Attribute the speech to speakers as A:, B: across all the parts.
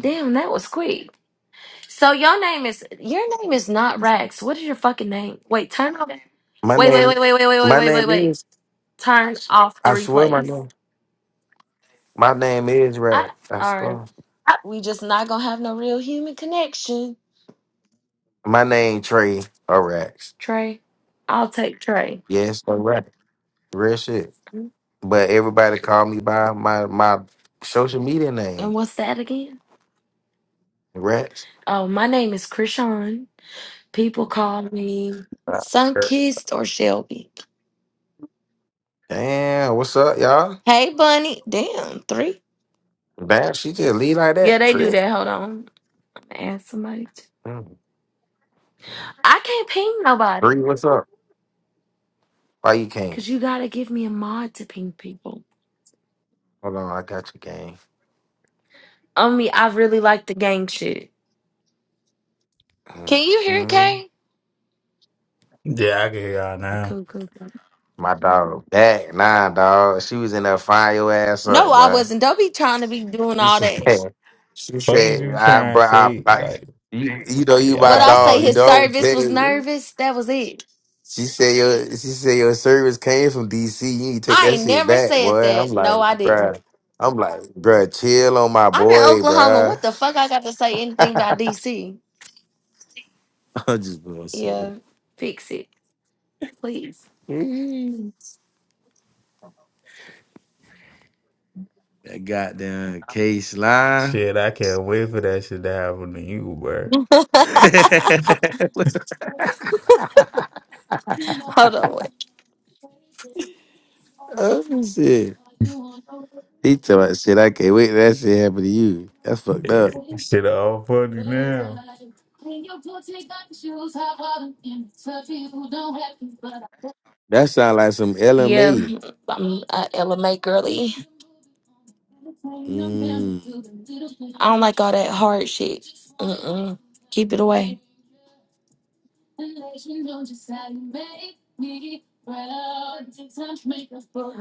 A: Damn, that was quick. So your name is your name is not Rax. What is your fucking name? Wait, turn off.
B: My
A: Wait, wait,
B: name,
A: wait, wait, wait, wait, wait,
B: my
A: wait, wait,
B: name
A: wait.
B: is.
A: Turn off the
B: I swear, my
A: replays.
B: name. My name is
A: I
B: Rack. I
A: all right.
B: swear.
A: We just not gonna have no real human connection.
B: My name Trey or Rax.
A: Trey, I'll take Trey.
B: Yes, or Real shit. But everybody call me by my my social media
A: And
B: name,
A: what's that again?
B: Rax.
A: Oh, my name is Krishan. People call me Sunkissed or Shelby.
B: Damn, what's up, y'all?
A: Hey, Bunny. Damn, three.
B: Damn, she just lead like
A: Yeah,
B: that,
A: they do
B: Trick.
A: that. Hold on. I'm gonna Ask somebody. Too.
B: Mm.
A: I can't ping nobody.
B: Three, what's up? Why you can't?
A: Cause you gotta give me a mod to ping people.
B: Hold on, I got you, gang.
A: I mean, I really like the gang shit.
B: Mm.
A: Can you hear it,
B: Mhm.
A: Kay?
C: Yeah, I can hear y'all now.
A: Cool, cool, cool.
B: My dog, back nah, dog. She was in there fire your ass
A: No,
B: up,
A: I
B: boy.
A: wasn't. Don't be trying to be doing
B: She
A: all that.
B: said, she
C: Fuck was
B: said,
C: you
B: I,
C: trying
B: bro,
C: to
B: I,
C: say?
B: I,
C: Like,
B: you, you know, you my
A: What
C: y'all
A: I say,
B: dog. You
C: name?
A: his
B: know, what I'm
A: service was
B: saying.'
A: nervous. That was it.
B: She said, your, she said your service came from DC. You need to take
A: I
B: that
A: ain't
B: shit
A: never
B: back,
A: said
B: boy. I'm
A: that. No,
B: like,
A: I didn't.
B: bruh. I'm like, bruh, chill on my
A: I'm in
B: boy,
A: Oklahoma.
B: bruh.
A: What the fuck? I got to say anything about DC?
B: I'm just gonna say it.
A: Yeah. Fix it, please.
B: Mm. that goddamn case line.
C: Shit, I can't wait for that shit to happen to you, bro.
A: Hold
B: What's
A: on. Wait.
B: up with shit? He told that shit. I can't wait. till That shit happen to you. That's fucked up.
C: Yeah, shit all funny now.
B: That sound like some
A: Yeah.
B: LMA.
A: I'm uh, LMA girly. I
B: Mm,
A: don't like all that hard shit. Mm-mm. Keep it away.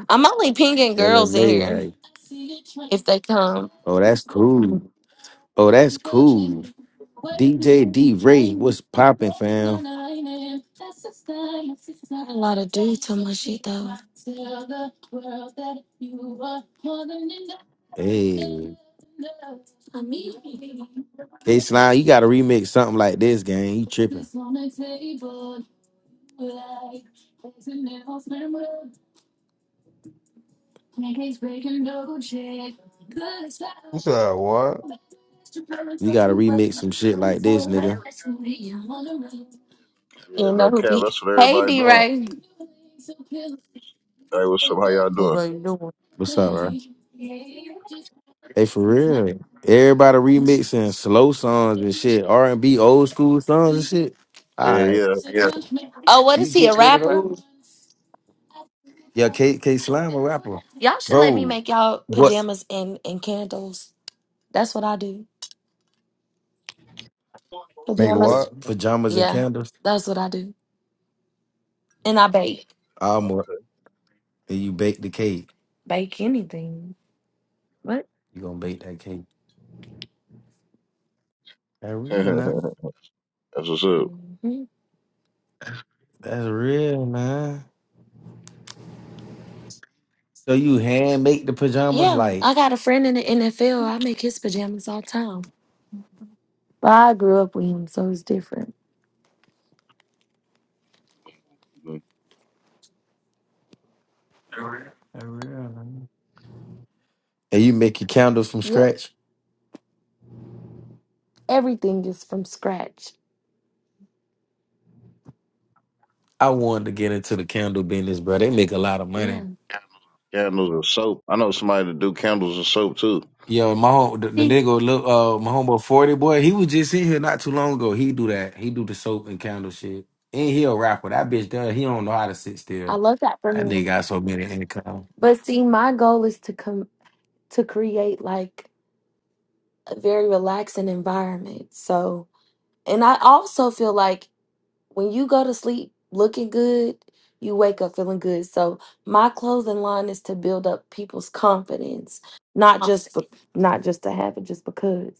A: I'm only pinging girls in
B: LMA,
A: here
B: hey.
A: if they come.
B: Oh, that's cool. Oh, that's cool. DJ D Ray, what's poppin',
A: Not
B: fam?
A: a lot of dudes on my shit though.
B: Hey, K Slime, you gotta remix something like this, gang. You tripping.
C: What's up? What?
B: You gotta remix some shit like this, nigga.
D: Yeah,
A: You know
D: no
A: who
D: cap.
A: beat?
D: That's what
A: Hey,
D: everybody
A: D
D: doing.
A: Ray.
D: Hey, what's up? How y'all
A: Who
D: doing?
A: are you doing?
B: What's up, bro? Hey, for real. Everybody remixing slow songs and shit, R and B, old school songs and shit. All
D: Yeah,
B: right,
D: yeah.
B: yeah.
A: Oh, what
B: You
A: is he? A
B: get one of
A: rapper?
B: those? Yeah, K K Slime a rapper,
A: Y'all should let me
B: bro.
A: make y'all
B: What
A: pajamas and and candles. That's what I do. To be
C: Make what?
A: honest,
B: pajamas and
A: yeah,
B: candles?
A: that's what I do. And I bake.
D: Oh,
B: And you bake the cake.
A: Bake anything. What?
B: You gonna bake that cake. That real
D: okay.
B: man.
D: That's what's up.
A: hmm
B: That's real man. So you hand make the pajamas
A: Yeah,
B: like
A: I got a friend in the NFL. I make his pajamas all the time. But I grew up with him, so it's different.
D: Mm.
B: that real man. And you make your candles from
A: Yep,
B: scratch.
A: everything is from scratch.
B: I wanted to get into the candle business, bro. They make a lot of
A: Yeah,
B: money.
D: Candles and soap. I know somebody that do candles and soap too.
B: Yo, my home, the, the
A: see,
B: nigga, look, uh, my homeboy Forty boy, he was just in here not too long ago. He do that. He do the soap and candle shit, and he a rapper. That bitch does. He don't know how to sit
A: I
B: still.
A: love that for
B: That nigga
A: him.
B: got so many income.
A: But see, my goal is to come to create like a very relaxing environment. So, and I also feel like when you go to sleep looking good, you wake up feeling good. So my clothing line is to build up people's confidence, not just be- not just to have it, just because.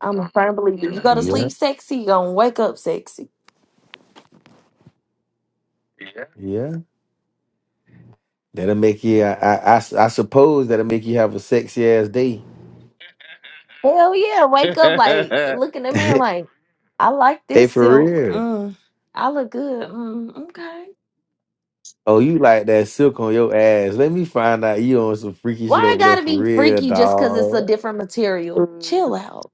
A: I'm a firm believer. You go to
D: hmm
B: Yeah,
A: sleep sexy, you gonna wake up sexy.
B: yeah. That'll make you. I, I, I s- I suppose that'll make you have a sexy ass day.
A: Hell yeah, wake up like look in the mirror
B: hey,
A: like I like this
B: for
A: silk.
B: real.
A: Mm, I look good. Mm, okay.
B: Oh, you like that silk on your ass? Let me find out you on some freaky
A: Why
B: shit
A: I
B: over there
A: gotta
B: for
A: be
B: real,
A: freaky just because it's a
B: dog.
A: different material? Chill out.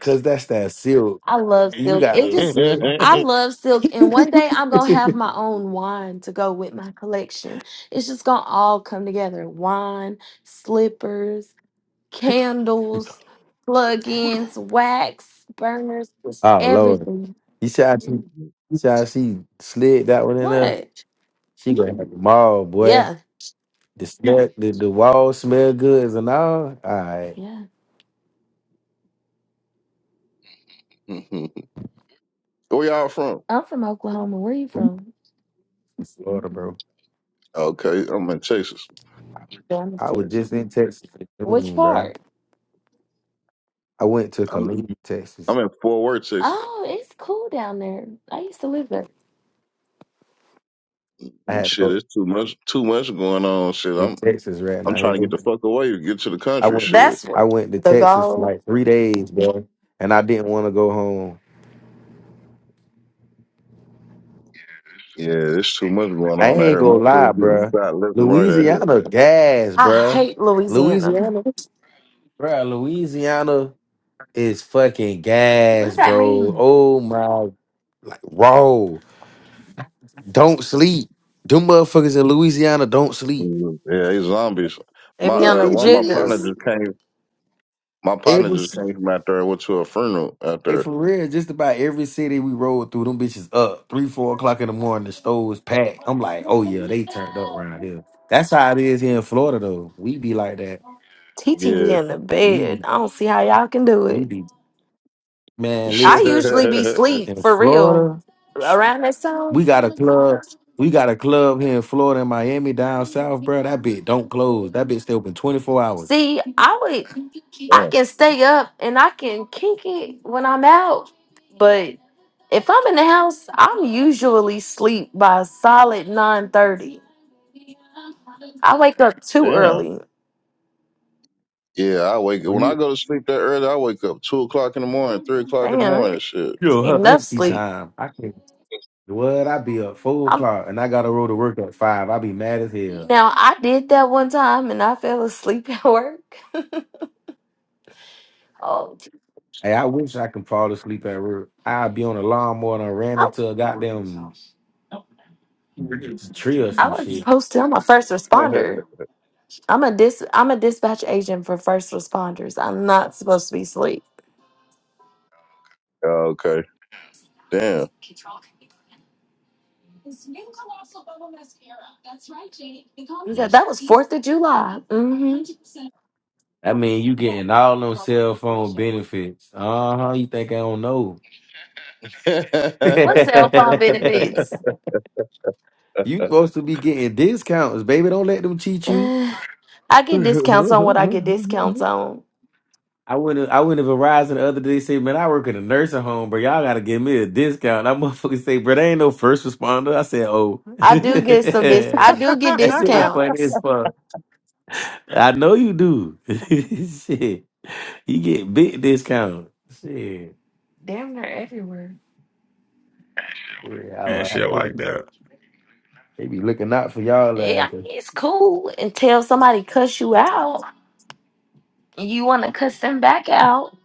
B: Cause that's that silk.
A: I love
B: You
A: silk.
B: got
A: It
B: the
A: just
B: silk.
A: I love silk and one day I'm going to have my own wine to go with my collection. It's just going to all come together. Wine, slippers, candles, plug-ins, wax, burners, just
B: oh Lord,
A: everything.
B: you see how she, you see how she slid that one in there?
A: What?
B: She gonna have the mall, boy.
A: Yeah.
B: The smell, the, the wall, smell good and all. All right,
A: Yeah.
D: Where y'all from?
A: I'm from Oklahoma. Where are you from?
B: Florida, bro.
A: Mm,
D: Okay, I'm in Texas.
A: down
B: I was just in Texas in
A: Which
B: June, bro.
A: part?
B: I went to
D: I'm
B: Columbia, Texas.
D: I'm in Fort Worth, Texas.
A: Oh, it's cool down there. I used to live there.
B: I had to
D: Shit,
B: go
D: it's too much too much going on. Shit,
B: to
D: I'm
B: Texas right
D: I'm
B: now.
D: trying
B: Here.
D: to get the fuck away to get to the
B: I
D: country.
B: went
D: Shit.
A: That's where
B: I went to
A: the
B: Texas for
A: goal.
B: like three days, bro. And I didn't want to go home.
D: Yeah, it's too much going
B: I
D: on out
B: ain't
D: here.
B: gonna lie,
D: Motherfuckers getting
B: bro.
D: shot left and right out here.
B: Louisiana gas,
A: I
B: bro.
A: hate Louisiana.
B: Louisiana, bro. Louisiana is fucking
A: What does
B: gas,
A: that
B: bro.
A: mean?
B: Oh my, like raw. Don't sleep. Them motherfuckers in Louisiana don't sleep.
D: Mhm. Yeah, they zombies.
A: They
D: My
A: be on
D: uh,
A: them
D: one of my partner
A: jiggers.
D: just came. My partner
B: every
D: just came from out there and went to a funeral out
B: Hey,
D: there.
B: for real, just about every city we rode through, them bitches up three, four o'clock in the morning. The store stores packed. I'm like, oh yeah, they turned up around here. That's how it is here in Florida, though. We be like that.
A: TT be
D: Yeah,
A: in the
B: We
A: bed. I don't see how y'all can do
B: we
A: it.
B: be man.
A: I
B: Listen,
A: usually be sleep
B: in
A: for real
B: Florida,
A: around that time.
B: we got a club. We got a club here in Florida and Miami down south, bro. That bit don't close. That bitch stay open 24 hours.
A: See, I would, I
D: damn,
A: can stay up and I can kink it when I'm out, but if I'm in the house, I'm usually sleep by solid nine thirty. I wake up too
D: damn.
A: early.
D: Yeah, I wake
B: Or
D: when I
B: you,
D: go to sleep that early. I wake up two o'clock in the morning, three o'clock in the
A: Damn,
D: morning.
A: it
D: Shit.
B: you
A: ain't
B: her
A: enough
B: auntie
A: sleep.
B: time. I can't. What? I be up four o'clock and I got to roll to work at five. I be mad as hell.
A: Now I did that one time and I fell asleep at work. Oh, gee.
B: Hey, I wish I can fall asleep at work. I be on a lawnmower and I ran
A: I,
B: into a goddamn tree or
A: I
B: some
A: was
B: shit.
A: supposed to. I'm a first responder. I'm a dis. I'm a dispatch agent for first responders. I'm not supposed to be asleep.
D: okay, damn.
A: Yeah, that was Fourth of July. hmm
B: I mean, you getting all them cell phone benefits. Uh huh. You think I don't know?
D: yeah,
A: What cell phone benefits?
B: you supposed to be getting discounts, baby. Don't let them cheat you.
A: Uh, I get discounts on what I get discounts on.
B: I went to, I went to Verizon the other day. Say, man, I work in a nursing home, bro. Y'all gotta give me a discount. And I motherfucker say, bro, they ain't no first responder. I said, oh,
A: I do get some dis. I do get
B: that shit was funny as
A: discounts.
B: fuck. I know you do. shit, you get big discount. Shit,
A: Damn, they're everywhere.
B: yeah,
C: And
B: I, I
C: shit
B: know.
C: like that.
B: They be looking out for y'all
A: Yeah, I
B: asses.
A: mean, it's cool until somebody cuss you out. and You want to cuss them back out.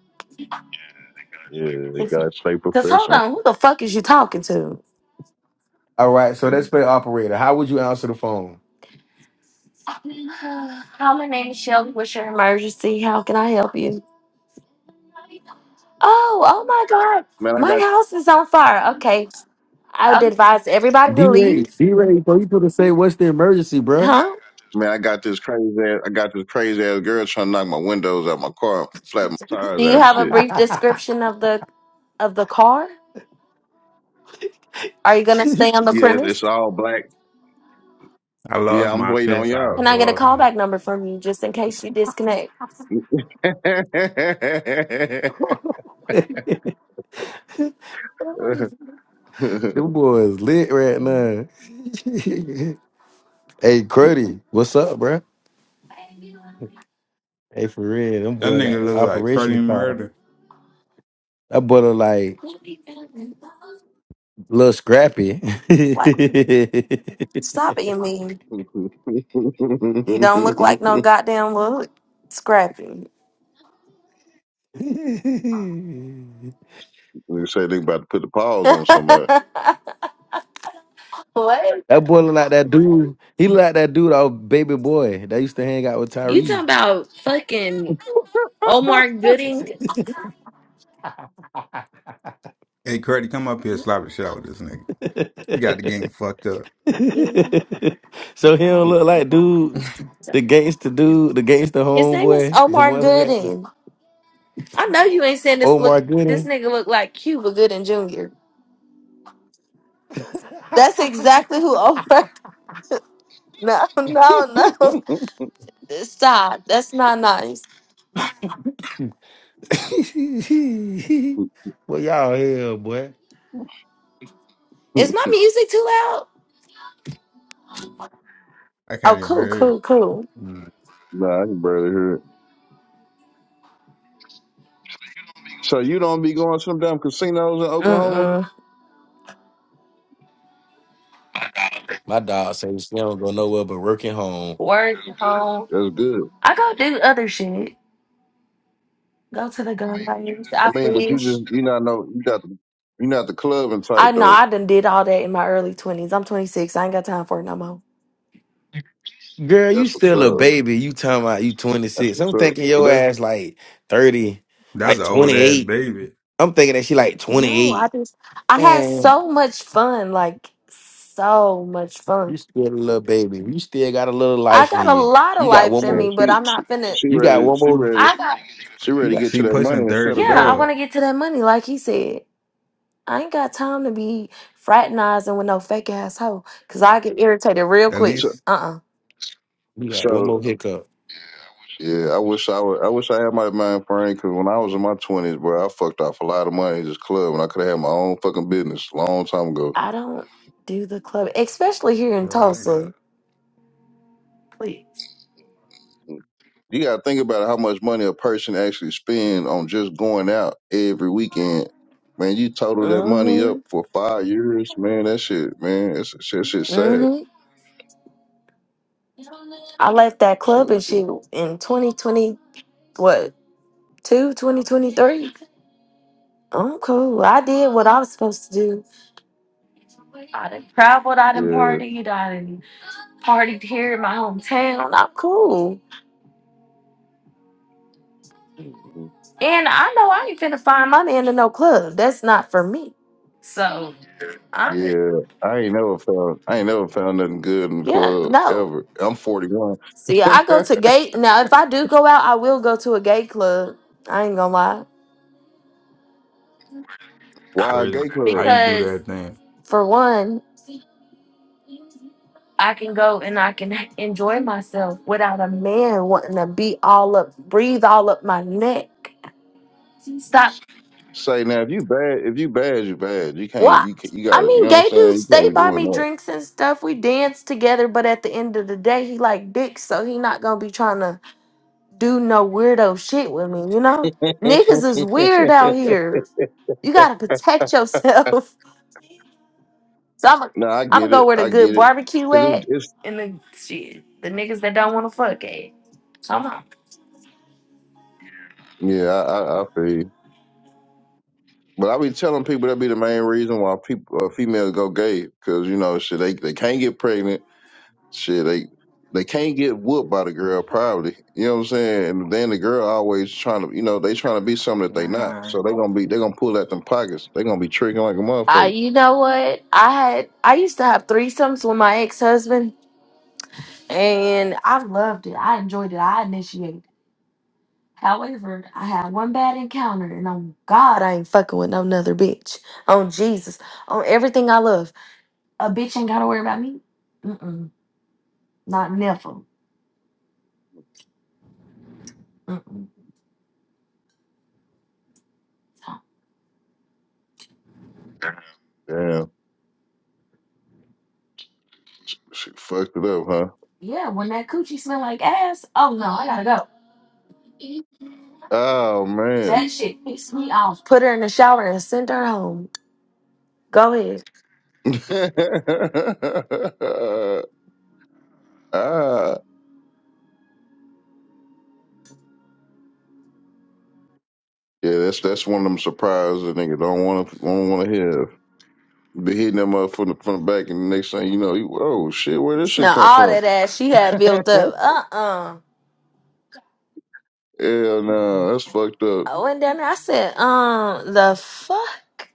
D: they gotta stay
A: Because hold
D: professional.
A: on, who the fuck is you talking to?
B: All right, so let's play operator. How would you answer the phone?
A: Hi, my name is Shelby. What's your emergency? How can I help you? Oh, oh my God.
D: Man, I got
A: My house is on fire. Okay. I would advise everybody
B: D
A: to
B: Ray,
A: leave.
B: D Ray, so you could have say, "What's the emergency, bruh?
A: Huh?
D: man, I got this crazy ass. I got this crazy ass girl trying to knock my windows out my car, flat my
A: Do
D: tires out
A: you
D: and
A: have a
D: shit.
A: brief description of the of the car? Are you gonna stay on the
D: Yes,
A: premise?
D: it's all black.
C: I
D: Yeah,
C: lost
D: I'm
C: my
D: waiting on
C: fist. I
D: y'all.
C: was
A: Can I get a
C: walking it.
A: callback number from you just in case you disconnect?
D: they
B: Them boys lit right
A: You know,
B: now. hey, Cruddy, what's up, bruh? Hey, for real, them
C: That
B: boy got
C: nigga
B: the
C: look like
B: operation to
C: Cruddy
B: call.
C: Murder.
B: That boy look like little scrappy.
A: Like, stop being mean. He don't look like no goddamn little scrappy.
B: that
D: say they about to put the paws on somebody.
A: what?
B: boy look like that dude. He look like that dude, our baby boy that used to hang out with
A: You talking
B: Tyrese.
A: about fucking Omar Gooding?
C: Hey, cruddy, come up here, slap a shot with this nigga. You got the game fucked up.
B: so he don't look like dude, the gangster dude, the gangster
A: His name is
B: homeboy, the
A: Omar
B: one who had
A: Gooding. I know you ain't saying this look
B: Omar
A: this
B: Gooding.
A: nigga look like Cuba Gooding Jr. That's exactly who Omar No,
D: nah,
A: no, no. Stop. That's not nice.
B: well, y'all hell, boy.
A: Is my music too loud?
C: I
A: Oh,
C: can't even
A: cool,
C: hear.
A: cool,
C: it.
A: cool.
D: I can barely hear it. So you don't be going to some damn casinos in Oklahoma?
A: Mm-mm.
B: My dog says she don't go nowhere but working home.
A: Work home.
D: That's good.
A: I go do other shit. Go to the gun range. I
D: I mean, but you
A: fish.
D: just you not know you got the you not the clubbing type
A: I know
D: though.
A: I done did all that in my early twenties. I'm 26. I ain't got time for it no more.
B: Girl, you
D: That's what's
B: still a
D: up.
B: baby. You talking about you
D: That's
B: 26.
D: what's
B: I'm
D: up.
B: thinking
D: But
B: your
D: that
B: ass like 30,
C: That's
B: like
C: an old ass
B: 28.
C: baby.
B: I'm thinking that she like
A: No, I
B: 28.
A: just I had
B: Man,
A: so much fun, like so much fun.
B: you still a little baby. You still got a little
A: I
B: life
A: got
B: in
A: a
B: you.
A: lot of
B: You got
A: life
B: one
A: in
D: man,
B: more.
A: me, but
D: she
A: I'm
D: she,
A: not finna.
D: she
B: You got
D: ready
B: one
D: she
B: more.
D: ready
A: I got
D: she
B: You
D: ready to
B: got,
D: get
C: She
D: to that money
C: pushing
D: and settle
C: thirty,
A: yeah. I
D: down.
C: dog.
A: want to get to that money, like he said. I ain't got time to be fraternizing with no fake ass hoe, cause I get irritated real
C: At
A: quick.
D: So,
C: least
A: Uh uh
B: you got one
D: So
B: more hiccup.
D: yeah, I wish I would, I wish I had my mind frame because when I was in my twenties, bro, I fucked off a lot of money in this club, and I could have had my own fucking business a long time ago.
A: I don't do the club, especially here in
C: they're like that.
A: Tulsa. Please.
D: You gotta think about how much money a person actually spend on just going out every weekend. Man, you total that money up for five years, man. That shit, man, it's shit, shit sad.
A: hmm I left that club
D: So,
A: and shit in 2020, what, two, 2023? I'm cool. I did what I was supposed to do. I done traveled, I done
D: yeah,
A: partied, I done partied here in my hometown. I'm cool.
D: mm-hmm,
A: And I know I ain't finna find my man in no club. That's not for me. So, I,
D: yeah. I ain't never found, I ain't never found nothing good in the
A: yeah,
D: club
A: no.
D: ever. I'm 41.
A: See, I go to gay. Now, if I do go out, I will go to a gay club. I ain't gonna lie.
D: Why a
C: Where
D: gay club?
C: how you do
A: Because,
C: that thing?
A: for one, I can go and I can enjoy myself without a man wanting to be all up, breathe all up my neck. Stop.
D: Say now, if you bad, if you bad, you bad. You can't,
A: What?
D: you can, you
A: I
D: got, you
A: mean,
D: know what I'm
A: gay
D: saying.
A: dudes,
D: You
A: they
D: can't be
A: buy
D: doing
A: me
D: that.
A: drinks and stuff. We dance together, but at the end of the day, he like dick, so he not gonna be trying to do no weirdo shit with me, you know? Niggas is weird out here. You gotta protect yourself. so I'm
D: no, I
A: I'm gonna
D: get
A: go
D: it,
A: where the
D: I
A: good
D: get it,
A: barbecue
D: because it,
A: at
D: it's
A: and the shit. The niggas that don't wanna fuck at. Come on.
D: yeah, I, I, I feel you. But I be telling people that be the main reason why people uh, females go gay, because you know shit, they they can't get pregnant, shit, they they can't get whooped by the girl probably. You know what I'm saying? And then the girl always trying to, you know, they trying to be something that they not,
C: Nah,
D: so they gonna be they gonna pull at them pockets. They gonna be tricking like a
A: I,
D: motherfucker.
A: you know what? I had I used to have threesomes with my ex husband, and I loved it. I enjoyed it. I initiated. However, I had one bad encounter, and on God, I ain't fucking with no another bitch. On Jesus, on everything I love, a bitch ain't gotta worry about me. Mm-mm, not never. Mm-mm.
D: Damn, she fucked it up, huh?
A: Yeah, when that coochie smell like ass, oh no, I gotta go.
D: Oh man.
A: That shit pissed me off. Put her in the shower and send her home. Go ahead.
D: ah, yeah, that's that's one of them surprises that nigga don't want to don't want to have. They hitting them up from the from the back, and the next thing you know, you oh shit, where this shit
A: Smell
D: come
A: all
D: from?
A: that ass she had
D: Hell
A: built up. Uh uh
D: no, that's fucked up.
A: I went down there. I said, um, the fuck?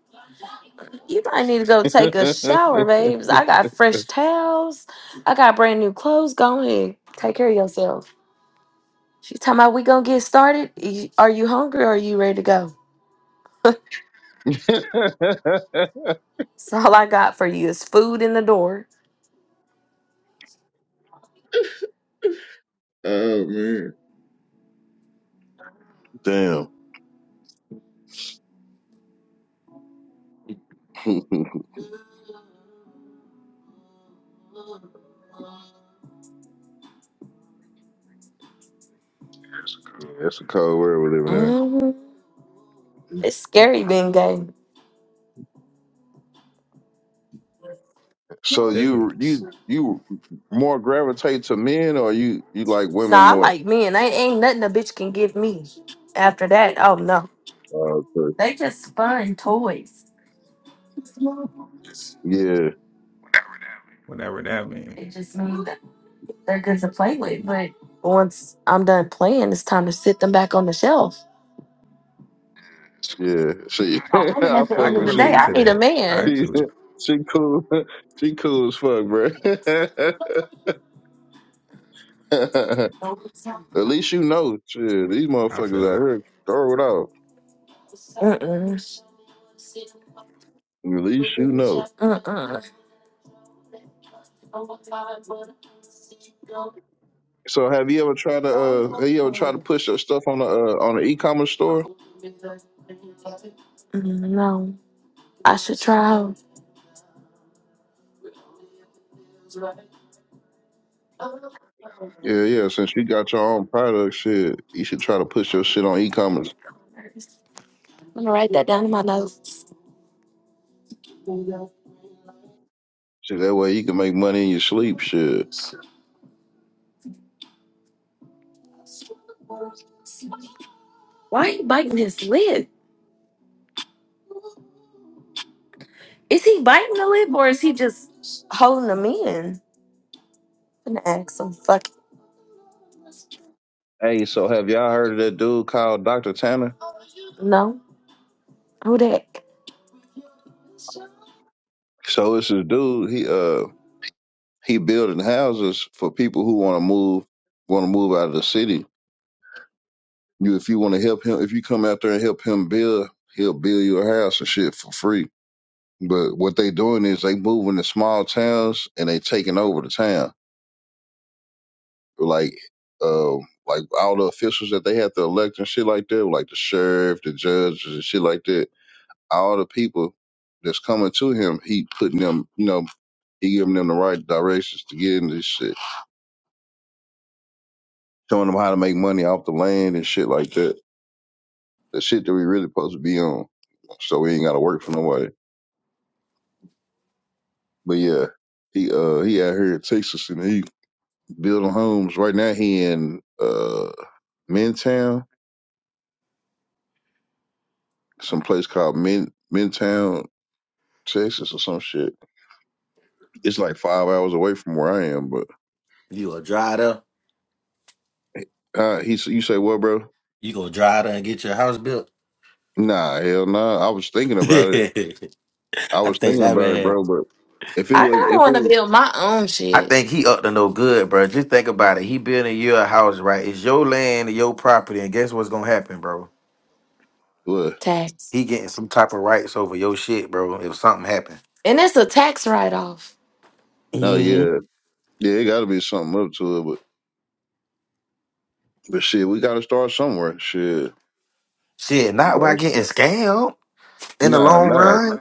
A: You might need to go take a shower, babes. I got fresh towels. I got brand new clothes. Go ahead. Take care of yourself. She talking about we gonna get started. Y- Are you hungry or are you ready to go? So all I got for you is food in the door.
D: oh man, damn, yeah, that's a cold world we're living
A: hmm
D: in.
A: It's scary being gay.
D: So
C: is it?
D: you you you more gravitate to men, or you you like women
A: Nah, I
D: more?
A: like men. Ain't, ain't nothing a bitch can give me. After that, oh no.
D: Oh, okay.
A: They just fun toys.
C: Whatever that means.
A: It just means they're good to play with, but once I'm done playing, it's time to sit them back on the shelf.
D: Yeah, she.
A: Oh,
D: I
A: I'm at
D: fuck
A: the
C: I
A: end
C: can
A: of
D: with
A: the
D: she.
A: day,
C: relate
A: I
C: to
A: need a
C: that.
A: man.
D: She.
C: Actually,
D: She cool. She cool as fuck, bro. At least you know. Shit, these
C: I
D: motherfuckers out
C: feel it.
D: here throw it out.
A: Mm-mm.
D: At least you know.
A: Mm-mm.
D: So, have you ever tried to? Uh, have you ever tried to push your stuff on the uh, on the e-commerce store?
A: Mm, No, I should try. out. I'm
D: Yeah, yeah. Since you got your own product, shit, you should try to push your shit on e-commerce.
A: gonna write that down in my notes.
D: Shit, that way you can make money in your sleep. Shit.
A: Why he biting his lip? Is he biting the lip or is he just holding them in? I'm gonna ask him. Fuck it.
D: Hey, so have y'all heard of that dude called Dr. Tanner?
A: No. Who that?
D: So it's this dude. He uh He building houses for people who want to move want to move out of the city. You if you want to help him, if you come out there and help him build, he'll build you a house and shit for free. But what they doing is they moving to small towns and they taking over the town. Like uh like all the officials that they have to elect and shit like that, like the sheriff, the judges and shit like that, all the people that's coming to him, he putting them, you know, he giving them the right directions to get into this shit. showing them how to make money off the land and shit like that. The shit that we really supposed to be on. So we ain't gotta work for nobody. But yeah, he uh he out here in Texas and he building homes. Right now he in uh Mintown, some place called Min Mintown, Texas or some shit. It's like five hours away from where I am, but
B: You gonna drive there?
D: uh he s- you say what, bro?
B: You gonna drive there and get your house built?
D: Nah, hell nah. I was thinking about it.
B: I
D: I was
B: think
D: thinking
B: that
D: about it,
B: man.
D: bro, but if it
A: I
D: was
A: kinda
D: if it
A: wanna
D: was
A: build my own
B: I
A: shit.
B: think he up to no good, bro. Just think about it. He building your house, right? It's your land, and your property, and guess what's gonna happen, bro?
D: well,
A: Tax.
B: He getting some type of rights over your shit, bro. If something happen,
A: And it's a tax write off.
D: no,
B: Mm-hmm.
D: yeah. Yeah, it gotta be something up to it, but But shit, we gotta start somewhere. Shit,
B: shit,
D: we
B: not by
D: gotta,
B: getting scammed in the
D: nah,
B: long
D: not like
B: run.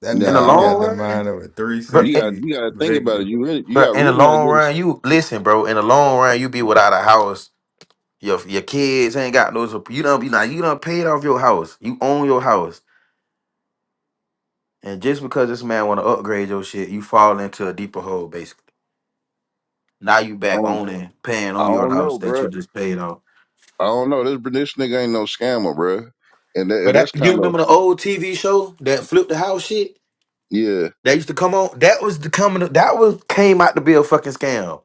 C: That
B: In the
D: nah. I
C: nigga
D: don't.
B: long
C: got the
B: run,
C: mind of a three
B: bro,
D: You
B: in,
D: got
C: sixty
D: you got to think about it.
C: Victor.
D: You really you
B: bro,
D: got
B: in the
D: really not
B: long
D: getting.
B: run, you listen, bro. In the long run, you be without a house Your your kids ain't got no support. You don't be like you done paid off your house. You own your house, and just because this man want to upgrade your shit, you fall into a deeper hole. Basically, now you
D: I
B: back
D: don't
B: owning, paying
D: I
B: on your
D: don't
B: house
D: know,
B: that
D: bruh.
B: you just paid off.
D: I don't know. This this nigga ain't no scammer, bruh. And, that,
B: But
D: and
B: that,
D: that's
B: you
D: kind of
B: remember the old TV show that flipped the house shit
D: yeah.
B: that used to come on? That was the coming. That was came out to be a fucking scam.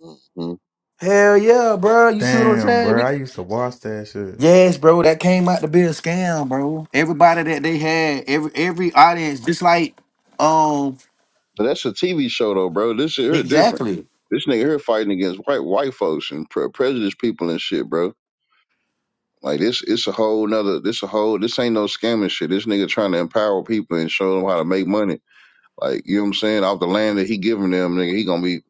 D: hmm
B: Hell yeah, bro. You see what I'm
C: Damn,
B: saying?
C: bro.
B: We
C: I used to watch that shit.
B: Yes, bro, that came out to be a scam, bro. Everybody that they had, every every audience, just like um.
D: But that's a TV show though, bro. This shit here different.
B: Exactly.
D: This nigga here fighting against white white folks and pre- prejudiced people and shit, bro. Like this, it's a whole nother. This a whole. This ain't no scamming shit. This nigga trying to empower people and show them how to make money Like, you know what I'm saying? Off the land that he giving them, nigga, he gonna be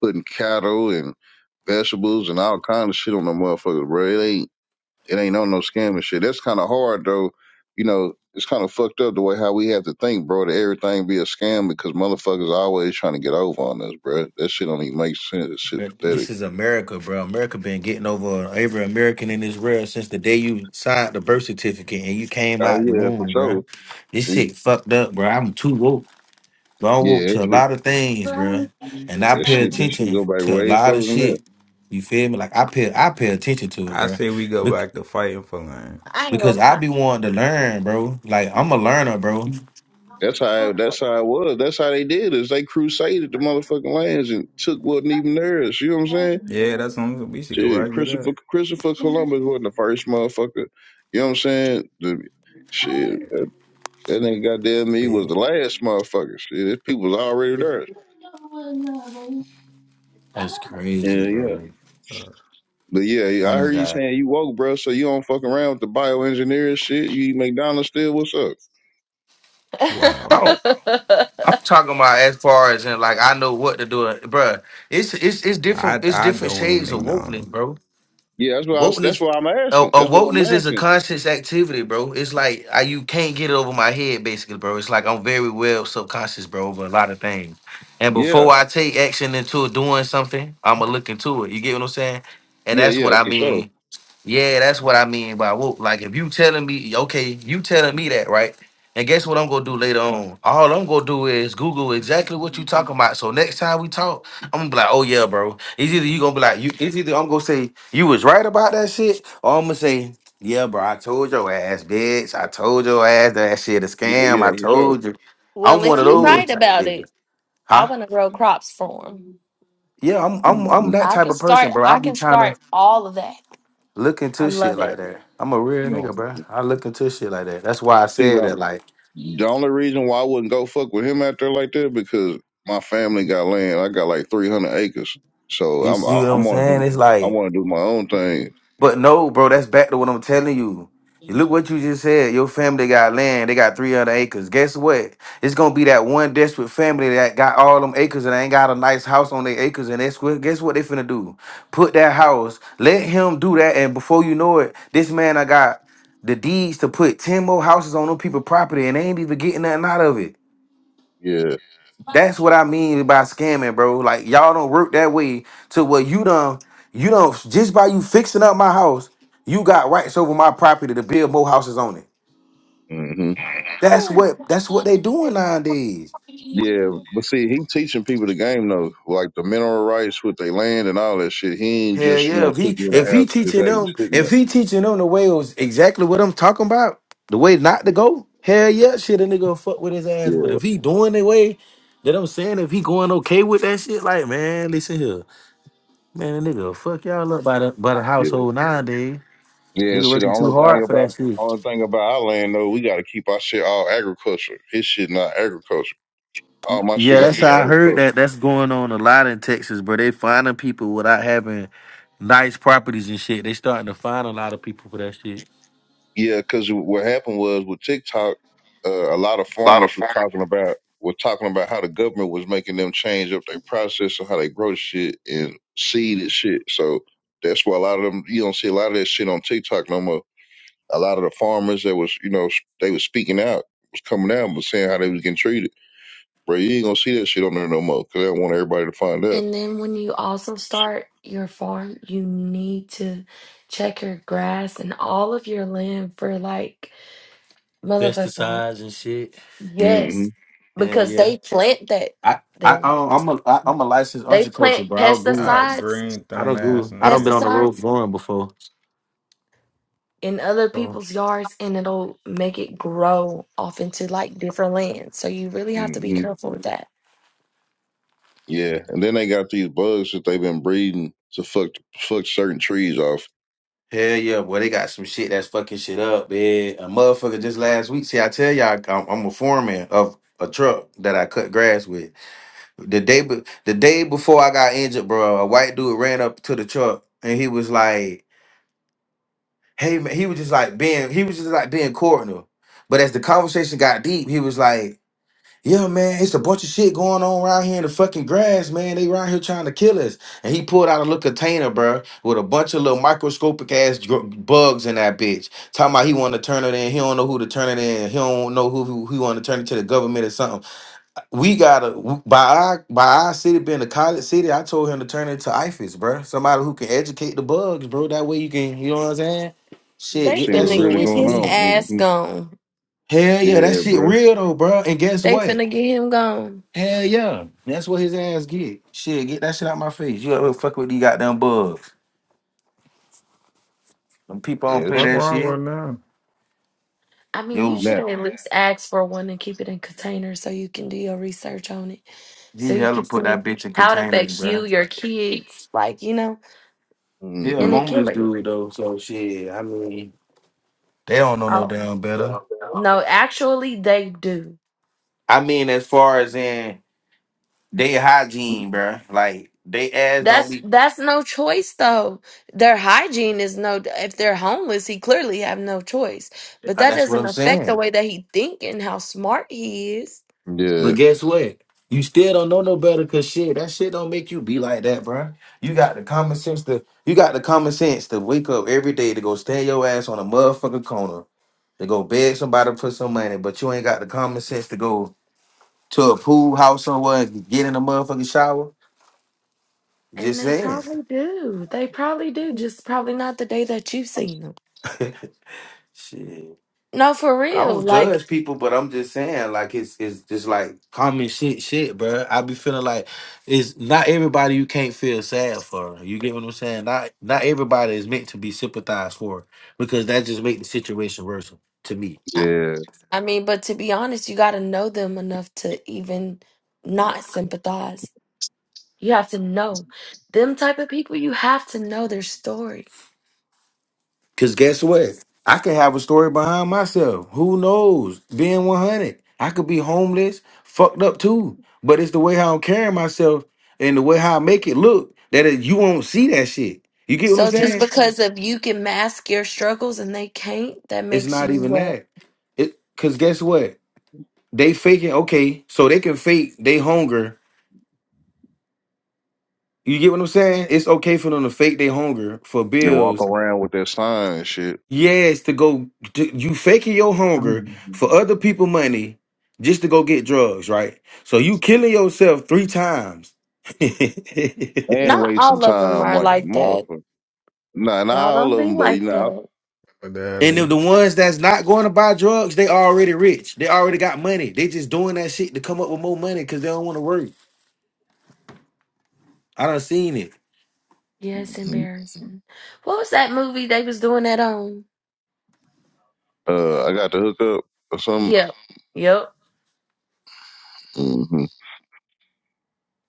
D: putting cattle and vegetables and all kind of shit on them motherfuckers, bro. It ain't it ain't on no scamming shit. That's kinda hard though. You know, it's kinda fucked up the way how we have to think, bro, that everything be a scam because motherfuckers always trying to get over on us, bro. That shit don't even make sense. That shit pathetic.
B: This is America, bro. America been getting over every American in this world since the day you signed the birth certificate and you came
D: Oh
B: out the
D: yeah, for
B: womb,
D: sure.
B: bro. This shit fucked up, bro. I'm too woke, but I'm
D: Yeah,
B: woke
D: that
B: to a
D: shit
B: lot of things, bro. And I
D: that
B: pay
D: shit that shit
B: attention
D: go back
B: to a
D: way
B: lot of
D: further than that.
B: shit. You feel me? Like I pay, I pay attention to it,
C: I
B: bro.
C: say we go
B: Bec-
C: back to fighting for land.
A: I ain't
B: Because
A: gonna
B: I
A: lie.
B: be wanting to learn, bro. Like I'm a learner, bro.
D: That's how that's how it was. That's how they did it. is they crusaded the motherfucking lands and took wasn't even theirs. You know what I'm saying?
C: Yeah, that's something we should go
D: Shit,
C: back to that.
D: Christopher Christopher Columbus wasn't the first motherfucker. You know what I'm saying? The, shit,
C: That
D: that, that nigga goddamn me was
C: big.
D: the last motherfucker. Shit, this people was already theirs.
B: That's
D: Yeah,
B: crazy,
D: yeah.
B: bro.
C: or
D: But yeah, yeah,
B: I
D: I
B: done
D: heard you saying
B: got.
D: you woke, bro. So you don't fuck around with the bioengineering shit. You eat McDonald's still. What's up?
C: Wow.
B: I'm talking about as far as in like I know what to do, bruh. It's it's it's different.
C: I
B: It's
C: I
B: different
C: don't eat
B: shades of wokeness,
C: McDonald's.
B: bro.
D: Yeah, that's what I was, that's
B: Wokeness,
D: what I'm
B: a, a
D: asking. That's what I'm
B: wokeness is a
D: asking.
B: conscious activity, bro. It's like I, you can't get it over my head, basically, bro. It's like I'm very well subconscious, bro, over a lot of things. And
D: Yeah,
B: before I take action into doing something, I'ma look into it. You get what I'm saying? And
D: yeah,
B: that's
D: yeah,
B: what I
D: for sure.
B: mean yeah, that's what I mean by woke. Like if you telling me, okay, you telling me that, right? And guess what I'm gonna do later on? All I'm gonna do is Google exactly what you talking about. So next time we talk, I'm gonna be like, oh yeah, bro. It's either you gonna be like, you it's either I'm gonna say you was right about that shit, or I'm gonna say, yeah, bro, I told your ass, bitch. I told your ass that shit a
D: Yeah,
B: scam.
D: yeah,
B: I
D: for sure.
B: told you. I'm
A: well, if
B: one of
A: he
D: Yeah.
A: right
B: those type
A: about
B: niggas.
A: it, I
B: Huh?
A: want to grow crops for him.
B: Yeah, I'm I'm I'm
D: Mhm.
B: that
A: I
B: type
A: can
B: of person,
A: start.
B: bro. I
A: I
B: be
A: can
B: trying to
A: start all of that.
B: look
A: I
B: into shit
A: love
B: like
A: it.
B: that. I'm a real
C: You know,
B: nigga, bro. I look into shit like that. That's why I
D: See,
B: said that.
D: now,
B: Like,
D: the only reason why I wouldn't go fuck with him out there like that because my family got land. I got like three hundred acres, so
B: you
D: I'm
B: see
D: I,
B: what I'm
D: I'm gonna
B: saying?
D: do
B: It's
D: I
B: like,
D: want to do my own thing.
B: but no, bro. That's back to what I'm telling you. You Look what you just said. Your family got land. They got 300 acres. Guess what? It's gonna be that one desperate family that got all them acres and ain't got a nice house on their acres. And that's what. Guess what they finna do? Put that house. Let him do that. And before you know it, this man I got the deeds to put 10 more houses on them people property and they ain't even getting nothing out of it.
D: Yeah,
B: That's what I mean by scamming, bro. Like y'all don't work that way to where you done, you don't just by you fixing up my house, you got rights over my property to build more houses on it.
D: hmm
B: That's what that's what they doing nowadays.
D: yeah. But see, he teaching people the game though, like the mineral rights with their land and all that shit. He ain't
B: Hell
D: just you
B: yeah.
D: know
B: If he
D: putting you in
B: if
D: a
B: he
D: house just
B: teaching
D: have you
B: them,
D: sitting
B: if
D: there.
B: he teaching them the way was exactly what I'm talking about, the way not to go, hell yeah, shit a nigga fuck with his ass. But
D: Yeah,
B: if he doing the way that I'm saying, if he going okay with that shit, like man, listen here. Man, a nigga fuck y'all up by the by the
D: yeah,
B: household nowadays.
D: yeah.
B: Nigga
D: See, the
B: working too
D: only thing
B: hard for that
D: about
B: shit.
D: only thing about our land though, we got to keep our shit all agriculture. His shit not agriculture.
B: Y-
D: All my shit
B: Yeah,
D: got to
B: that's
D: be
B: how I heard
D: agriculture.
B: that. That's going on a lot in Texas, bro. They finding people without having nice properties and shit. They starting to find a lot of people for that shit.
D: Yeah, because what happened was with TikTok, uh, a lot of farmers were talking about were talking about how the government was making them change up their process and how they grow shit and seed and shit. So that's why a lot of them you don't see a lot of that shit on TikTok no more. A lot of the farmers that was you know they was speaking out was coming out and was saying how they was getting treated. Bro, you ain't gonna see that shit on there no more because I want everybody to find out.
A: And then when you also start your farm, you need to check your grass and all of your land for like motherfucking
B: Pesticides and shit.
D: hmm
A: yes,
B: Yeah,
A: because
B: yeah.
A: they plant that
B: I, I, I
A: there.
B: don't- I'm a, I, I'm a licensed
A: They plant
B: horticulture, bro. I grew,
C: ah,
A: pesticides,
C: green
B: I
C: thumb
B: don't
C: ass
B: grew, I don't been on
C: niggas.
B: the
A: pesticides.
B: road growing before.
A: in other
B: So.
A: people's yards and it'll make it grow off into like different lands. So you really have to be
D: hmm
A: careful with that.
D: Yeah, and then they got these bugs that they've been breeding to fuck fuck certain trees off
B: Hell yeah, boy! They got some shit that's fucking shit up, man. A motherfucker just last week. See, I tell y'all, I'm, I'm a foreman of a truck that I cut grass with. The day be- the day before I got injured, bro, a white dude ran up to the truck and he was like, "Hey man," he was just like being he was just like being cordial. But as the conversation got deep, he was like, "Yeah, man, it's a bunch of shit going on around here in the fucking grass, man. They around here trying to kill us." And he pulled out a little container, bro, with a bunch of little microscopic ass dr- bugs in that bitch. Talking about he want to turn it in. He don't know who to turn it in. He don't know who who, who want to turn it to the government or something we gotta by our by our city being a college city. I told him to turn into IFIS, bro. Somebody who can educate the bugs, bro. That way you can, you know what I'm saying?
D: You
B: Shit,
A: They
B: get
D: see
B: that
D: what's
A: finna
B: shit
D: really
B: away
A: get
B: from
D: going
A: his
B: me.
D: on.
A: ass
D: hmm
A: gone.
B: Hell yeah, that
D: Yeah,
B: shit
D: bro.
B: real though, bro. And guess
A: They
B: what?
A: finna get him gone.
B: Hell yeah, that's what his ass get. Shit, get that shit out my face. You ever fuck with these goddamn bugs? Them people
A: I
B: don't
D: Yeah,
B: play
D: it's a
C: What
B: that
C: wrong
B: shit.
C: with them?
A: I mean, you
B: Yo,
A: should
D: nap.
A: at least ask for one and keep it in containers so you can do your research on it. So
B: he
A: you
B: hella
A: can
B: put
A: see
B: that bitch in
A: how it
B: containers,
A: affects
B: bro.
A: you, your kids, like, you know,
B: He a
A: and
D: hmm
A: the
B: homeless
A: killer.
B: dude though, so shit. I mean, they don't know no damn better.
A: No, actually they do.
B: I mean, as far as in. They hygiene, bruh. Like they ass don't
A: That's
B: be.
A: that's no choice though. Their hygiene is no if they're homeless, he clearly have no choice. But
B: Uh,
A: that
B: That's what
A: doesn't
B: I'm
A: affect the
B: saying.
A: way that he think and how smart he is.
D: Yeah,
B: But guess what? You still don't know no better, cause shit, that shit don't make you be like that, bruh. You got the common sense to, you got the common sense to wake up every day to go stand your ass on a motherfucking corner to go beg somebody for some money, but you ain't got the common sense to go to a pool house somewhere and get in a motherfucking shower.
A: And
B: Just
A: they
B: saying.
A: probably do. They probably do. Just probably not the day that you've seen them.
B: shit.
A: No, for
B: I
A: real.
B: don't
A: Like
B: judge people, but I'm just saying, like it's it's just like common shit, shit, bro. I be feeling like it's not everybody you can't feel sad for. You get what I'm saying? Not not everybody is meant to be sympathized for because that just make the situation worse to me.
A: I
D: yeah.
A: I mean, but to be honest, you got to know them enough to even not sympathize. You have to know them type of people. You have to know their story.
B: Cause guess what? I could have a story behind myself. Who knows? Being 100, I could be homeless, fucked up too. But it's the way how I'm carrying myself and the way how I make it look that it, you won't see that shit. You get what I'm
A: So just
B: saying?
A: because of you can mask your struggles and they can't, that
B: It's
A: makes
B: not
A: you
B: even
A: what?
B: that. It cause guess what? They faking okay, so they can fake they hunger. You get what I'm saying? It's okay for them to fake their hunger for
D: You walk
B: bills.
D: around with that sign and shit
B: Yes, to go to, you faking your hunger for
D: Mhm.
B: other people money just to go get drugs, right? So you killing yourself three times. and
D: and
B: if
A: Not
D: wasting
A: all of them
D: time
A: are
D: like a
A: like that.
D: motherfucker. Nah, not
A: Y'all
D: all
A: don't
D: of
A: be
D: them, but you
A: like
D: know,
A: that.
C: With the alley.
B: the ones that's not going to buy drugs, they already rich. They already got money. They just doing that shit to come up with more money because they don't want to work. I done seen it
A: Yeah, it's
D: hmm
A: embarrassing. What was that movie they was doing that on?
D: uh, I got to hook up or something.
A: Yep, yep.
D: hmm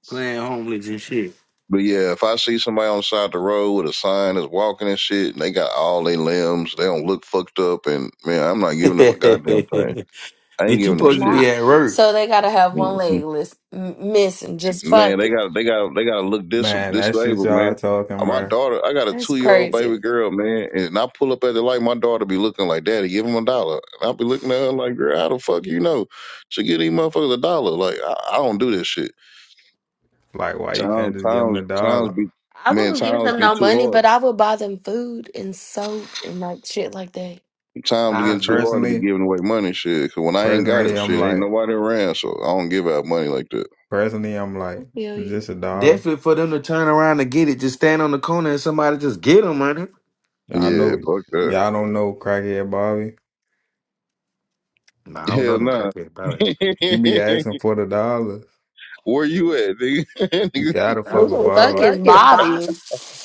B: playing homeless and shit.
D: But yeah, if I see somebody on the side of the road with a sign that's walking and shit, and they got all their limbs, they don't look fucked up, and man, I'm not giving them a goddamn thing.
B: Bitch,
D: I ain't
B: you
D: giving them
B: supposed to
D: shit.
A: Not
B: be at work.
A: so they gotta have one
D: Mm-hmm.
A: leg list m- missing. Just
D: man,
A: fuck
D: they
A: it.
D: got they got they got to look dis
C: Man, that shit
D: disabled,
C: y'all
D: man. Uh,
C: talking,
D: My
C: bro.
D: daughter, I got a
A: That's
D: two year old baby
A: crazy.
D: girl, man, and I pull up at the light. My daughter be looking like, "Daddy, give him a dollar." And I be looking at her like, "Girl, how the fuck you know?" She give these motherfuckers a dollar. Like I, I don't do this shit.
C: Like, why you
D: Times
C: can't just give them
D: times
C: the
D: times
C: dollar?
D: be
A: I
D: man,
A: wouldn't give
D: times
A: them
D: be
A: no
D: too
A: money,
D: hard.
A: but I would buy them food and soap and like shit like that.
D: Times getting
B: Times be
D: too hard to be
C: Personally,
D: giving away money, shit. 'Cause when I ain't got
C: personally,
D: it,
C: I'm
D: shit, ain't
C: like,
D: nobody around, so I don't give out money like that.
C: personally, I'm
A: I
C: like,
A: Feel
C: it's
A: you?
C: just a dollar.
B: definitely for them to turn around and get it. Just stand on the corner and somebody just get them, man.
C: Y'all
D: Yeah,
C: know,
D: fuck that.
C: y'all don't know crackhead Bobby.
B: Nah, I don't know
D: Hell
B: no
D: nah.
B: crackhead about it.
C: You be asking for the dollars.
D: Where you at, nigga? Nigga
C: You gotta
B: I
C: fuck
A: Who
B: just
C: with
A: the
B: fuck
A: fuck
C: Bobby.
A: is
B: with it.
A: Bobby?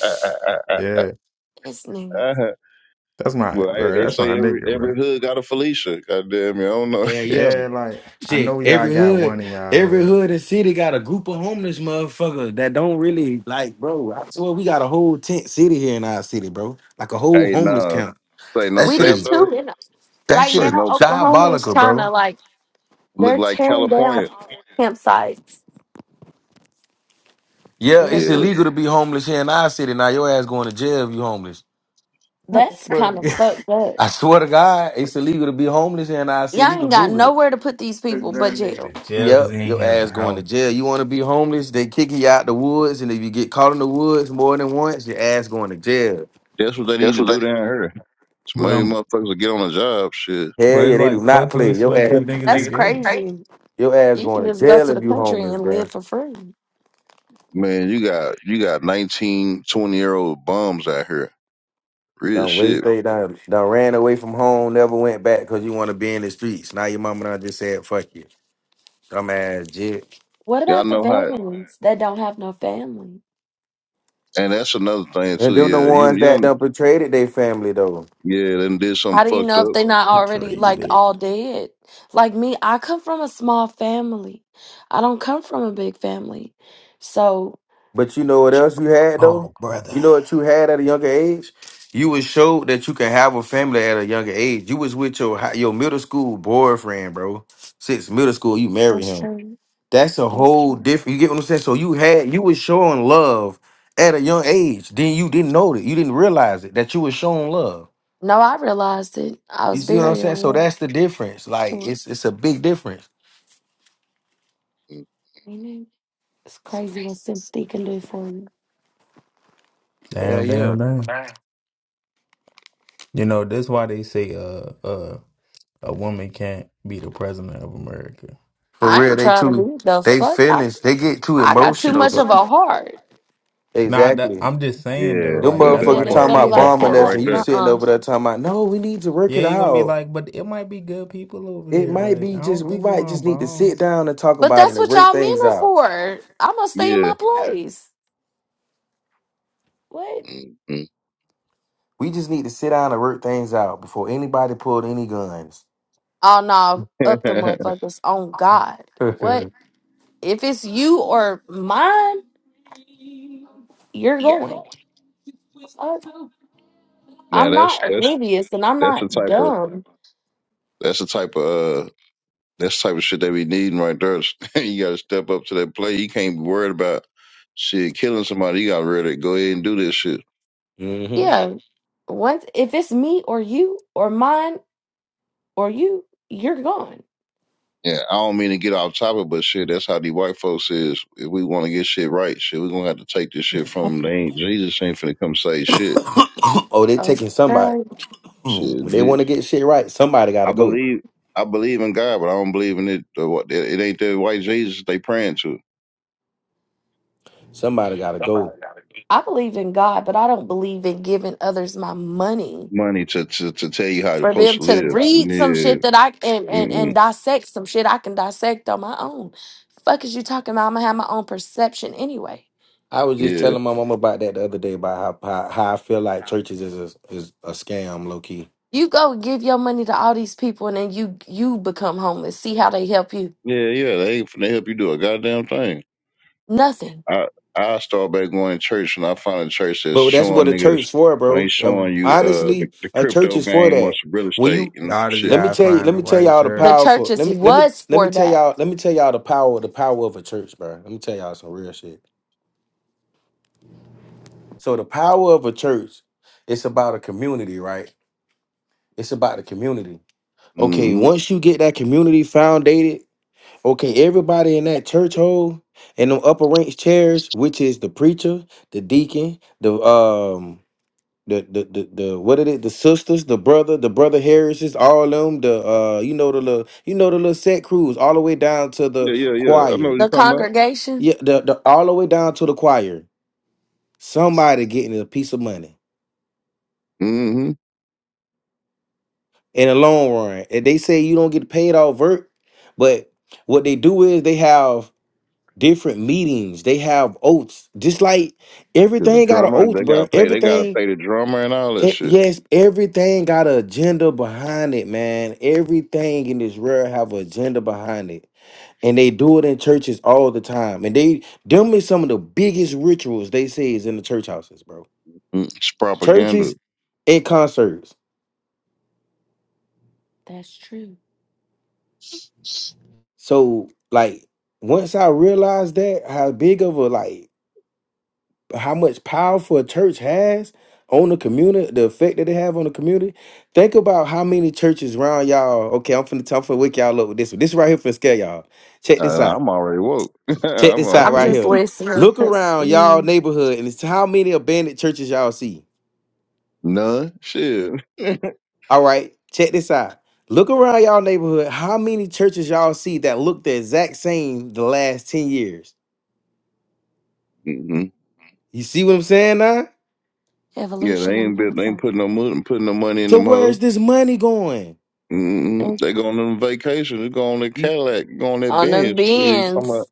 C: Yeah,
A: It's nigga.
D: well,
C: that's my,
D: hey,
C: bro.
D: they
C: That's my
D: say every
C: nigga, bro.
D: every hood got a Felicia. Goddamn, you I don't know.
B: Yeah, yeah.
C: Yeah, like I
B: Shit,
C: know y'all
B: every
C: got
B: hood,
C: one in y'all
B: every
C: hood.
B: hood and city got a group of homeless motherfuckers that don't really like, bro. I swear we got a whole tent city here in our city, bro. Like a whole
D: hey,
B: homeless
D: no,
B: camp.
D: say
B: That
D: no
A: We
B: shit
A: did
D: cap
B: is
D: though.
A: two.
B: that
A: Right
B: shit
D: Say
B: is
A: now,
D: no.
A: Oklahoma is
B: diabolical,
A: trying
B: bro.
A: to like
D: Look
A: they're
D: like
A: tearing down
D: California.
A: campsites
B: Yeah,
A: and
B: it's
A: make
D: Yeah,
A: them.
B: illegal to be homeless here in our city. Now your ass going to jail if you homeless.
C: How the
A: That's kind of
C: fuck?
A: fucked up.
B: I swear to God, it's illegal to be homeless in our
A: Y'all
B: city. You
A: ain't
B: can
A: got
B: Google it.
A: nowhere to put these
C: Took that
A: people but
C: nigga
A: jail.
C: to jail because
B: Yep,
C: he ain't
B: your
C: have a
B: ass going to
C: house.
B: jail. You want to be homeless? They kick you out the woods, and if you get caught in the woods more than once, your ass going to jail.
D: that's what they need to do down here. So
C: But
D: maybe
C: I'm,
D: motherfuckers will get on a job. Shit,
B: Hell
C: but
B: yeah,
C: it's
B: they do
C: like,
B: not
C: fuck you
B: play. Your
C: expect the
B: ass,
C: niggas to
A: That's
C: go.
A: crazy.
B: your ass
A: You can
B: going to
A: just go
B: jail
A: to
B: if
A: the
B: you
A: country
B: homeless,
A: and
B: bro.
A: live for free.
D: man, you got you got 19, 20 year old bums out here. Real
B: Done
D: shit.
B: wasted, done, done ran away from home, never went back because you want to be in the streets. Now your mama done just said, fuck you. Dumbass jit.
A: What
D: Y'all
A: about the
D: know how.
A: veterans that don't have no family?
D: And that's another thing
B: And
D: too.
B: them the
D: Yeah, you
B: ones
D: you
B: that
D: don't.
B: done betrayed their family, though.
D: Yeah, then did
A: How
D: something
A: do you
D: fucked
A: know if
D: up.
A: they're not already
C: Betrayed
A: like
C: it.
A: all dead? Like me, I come from a small family. I don't come from a big family. So
B: But you know what else you had though?
C: Oh, brother.
B: You know what you had at a younger age? You was showed that you can have a family at a younger age. You was with your hi- your middle school boyfriend, bro. Since middle school, you married
A: that's
B: him.
A: true.
B: That's a
A: That's
B: whole
A: true.
B: different. You get what I'm saying? So you had you was showing love at a young age. Then you didn't know it. You didn't realize it that you was showing love.
A: No, I realized it. I
B: You
A: was
B: see what I'm
A: very
B: saying? So
A: aware.
B: that's the difference. Like
A: Sure.
B: it's it's a big difference.
A: Amen. It's crazy what sympathy can do for you.
B: Yeah,
C: Damn,
B: yeah.
C: damn, damn. You know, that's why they say uh uh a woman can't be the president of America.
B: For
A: I
B: real,
A: ain't
B: they
A: trying to
B: too.
A: be the
B: They
A: fuck. I
B: feelings. They get too
A: I got too
B: emotional.
A: much of
B: Bro.
A: a heart.
C: Nah, that,
B: Exactly.
C: I'm just saying though,
D: Yeah,
B: Them
C: like
A: I'm
D: that
A: the
C: that's
D: that
C: why
A: man
B: motherfuckers
C: they
A: that's
B: talking
D: part
A: gonna be
C: say
B: about
D: that
A: like,
C: that.
B: bombing
D: part
A: uh
B: us,
D: right
B: and you
D: there.
A: uh
B: sitting
A: uh.
B: over there talking about, no, we need to work
C: Yeah,
B: it
C: you're gonna be
B: out.
C: like, but it might be good people over
B: It
C: there.
B: might
C: Like,
B: be
C: I
B: just
C: don't
B: we
C: think you
B: might
C: want to
B: just need to
C: bomb.
B: sit down and talk
A: But
B: about it
A: that's
B: and
A: what
B: work
A: y'all men
B: things
A: are
B: out.
A: for. I'm gonna stay in my
D: Yeah.
A: place. What?
B: We just need to sit down and work things out before anybody pulled any guns.
A: Oh no, up the
D: hmm
A: motherfuckers on God. What? If it's you or mine, you're going. Fuck.
D: Now
A: I'm
D: that's
A: not
D: that's
A: oblivious and I'm
D: that's the
A: not
D: type of
A: dumb.
D: that's the type of uh, that's the type of shit they be needing right there. you got to step up to that play. You can't be worried about shit killing somebody. You got to really go ahead and do this shit.
B: hmm
A: Yeah, once if it's me or you or mine or you, you're gone.
D: Yeah, I don't mean to get off topic, but shit, that's how these white folks is. If we want to get shit right, shit, we gonna have to take this shit from them. They ain't Jesus ain't finna come say shit.
B: oh, they taking somebody.
A: Okay.
B: Mm,
D: Shit,
B: When they
D: Je-
B: want to get shit right, somebody got
D: I
B: to go.
D: believe I believe in God, but I don't believe in it. uh, What it ain't that white Jesus they praying to
B: Somebody got to go.
A: I believe in God, but I don't believe in giving others my money
D: money to to to tell you how you're
A: for
D: supposed
A: them
D: to
A: to
D: live.
A: read some
D: Yeah.
A: shit that I and and, and
D: Mm-mm.
A: dissect some shit I can dissect on my own. Fuck is you talking about? I'm gonna have my own perception anyway.
B: I was just
D: Yeah,
B: telling my mama about that the other day about how, how, how I feel like churches is a, is a scam, low key.
A: You go give your money to all these people and then you you become homeless. See how they help you?
D: yeah, yeah. They ain't finna help you do a goddamn thing.
A: Nothing.
D: I I start back going to church and I find a church that's
B: But that's
D: showing
B: what a
D: niggas
B: church for,
D: when they
B: bro. Um,
D: showing you uh the,
B: honestly,
D: the
B: a church
D: crypto
B: is for
D: game or
B: that.
D: some real
B: When
D: estate
B: you
D: and some
C: Y'all just
D: shit.
B: let me
C: gotta
B: tell you,
C: find
B: let
C: the
B: me tell
C: right
B: y'all the
A: The
C: shirts.
B: powerful. Let
A: churches
B: me let me
A: was
B: let me
A: for
B: tell
A: that.
B: y'all let me tell y'all the power the power of a church, bro. Let me tell y'all some real shit. So the power of a church, it's about a community, right? It's about the community. Okay,
D: Mm-hmm.
B: once you get that community founded, okay, everybody in that church hole in them upper ranks chairs, which is the preacher, the deacon, the um the the the, the what it is the sisters the brother the brother Harrises all of them the uh you know the little you know the little set crews all the way down to the
D: Yeah, yeah, yeah. I know what
B: choir
D: you're
A: The
D: talking about.
A: congregation.
B: yeah the, the all the way down to the choir somebody getting a piece of money
D: Mm-hmm.
B: in the long run and they say you don't get paid off vert but what they do is they have different meetings they have oaths just like
D: The
B: everything got an
D: drummer,
B: oath
D: they gotta
B: bruh.
D: pay. They gotta
B: everything
D: pay the drummer and all that
B: It,
D: shit.
B: yes, everything got an agenda behind it, man. Everything in this world have an agenda behind it, and they do it in churches all the time. And they them is some of the biggest rituals they say is in the church houses, bro.
D: Mm, It's propaganda.
B: Churches and concerts.
A: That's true.
B: So like once I realized that how big of a like how much powerful a church has on the community, the effect that they have on the community. Think about how many churches around y'all. Okay, I'm finna talk for wake y'all up with this one. This right here finna scare y'all. Check
D: I,
B: this out.
D: I'm already woke.
B: Check
D: I'm
B: this
D: on
B: out
A: I'm
B: right
A: just
B: here.
A: listening
B: Look
A: because
B: around y'all
A: mm,
B: neighborhood and it's how many abandoned churches y'all see.
D: none shit.
B: All right, check this out. Look around y'all neighborhood. How many churches y'all see that look the exact same the last 10 years?
D: Mm-hmm.
B: You see what I'm saying now?
D: Yeah, they
A: evolution, I'm
D: ain't
A: not a
D: been, they ain't putting
A: fucking
D: no money putting no money in
B: So
D: them
B: where
D: hoes.
B: is this money going?
D: Mm, mm. they going on vacation. They go on their
B: You.
D: Cadillac. Go on that
A: on them
D: Benz. Shit, I'm
A: beans
D: about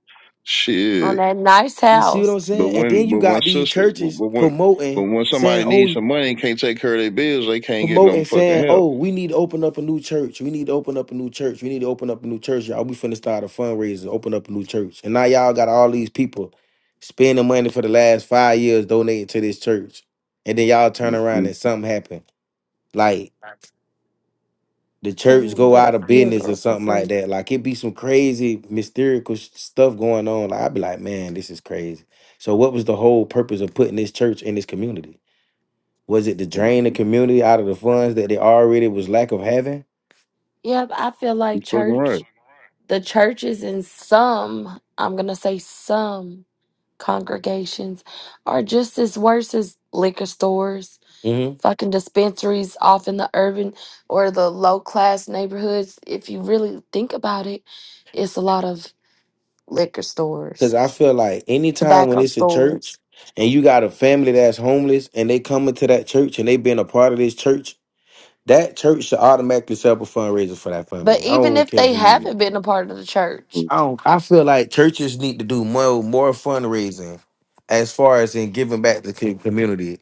A: on
D: shit.
A: that nice
B: You see what
A: house.
B: I'm
D: But
B: saying? And then
D: when,
B: you
D: but when
B: got these
D: sister,
B: churches
D: but when, but
B: promoting,
D: when
B: saying,
D: somebody needs
B: oh,
D: some money and can't take care of their bills, they can't get no
B: promoting,
D: fucking
B: saying,
D: help.
B: oh, we need to open up a new church. We need to open up a new church. We need to open up a new church, y'all. We finna start a fundraiser, open up a new church. And now y'all got all these people spending money for the last five years donating to this church. And then y'all turn
D: mm
B: around
D: mm
B: and something happened. like." the
A: Can't
B: church
A: even
B: go
A: get a
B: out of business or
A: funeral for
B: something like
A: free.
B: that. Like it be some crazy mystical sh- stuff going on. Like I'd be like, man, this is crazy. So what was the whole purpose of putting this church in this community? Was it to drain the
D: You're
B: community out of the funds that they already was lack of having?
A: Yeah, but I feel like
D: fucking right.
A: church, the churches in some, I'm gonna say some congregations are just as worse as liquor stores,
B: Because
A: fucking dispensaries off in the urban or the low class neighborhoods. If you really think about it, it's a lot of liquor stores
B: I feel like anytime when
A: tobacco
B: it's a
A: stores.
B: church and you got a family that's homeless and they come into that church and they been a part of this church, that church should automatically set up a fundraiser for that
A: But
B: family. I
A: even
B: don't
A: if
B: care
A: they
B: who you is.
A: haven't been a part of the church,
D: Mm-hmm.
B: I don't. I feel like churches need to do more more fundraising, as far as in giving back to the community.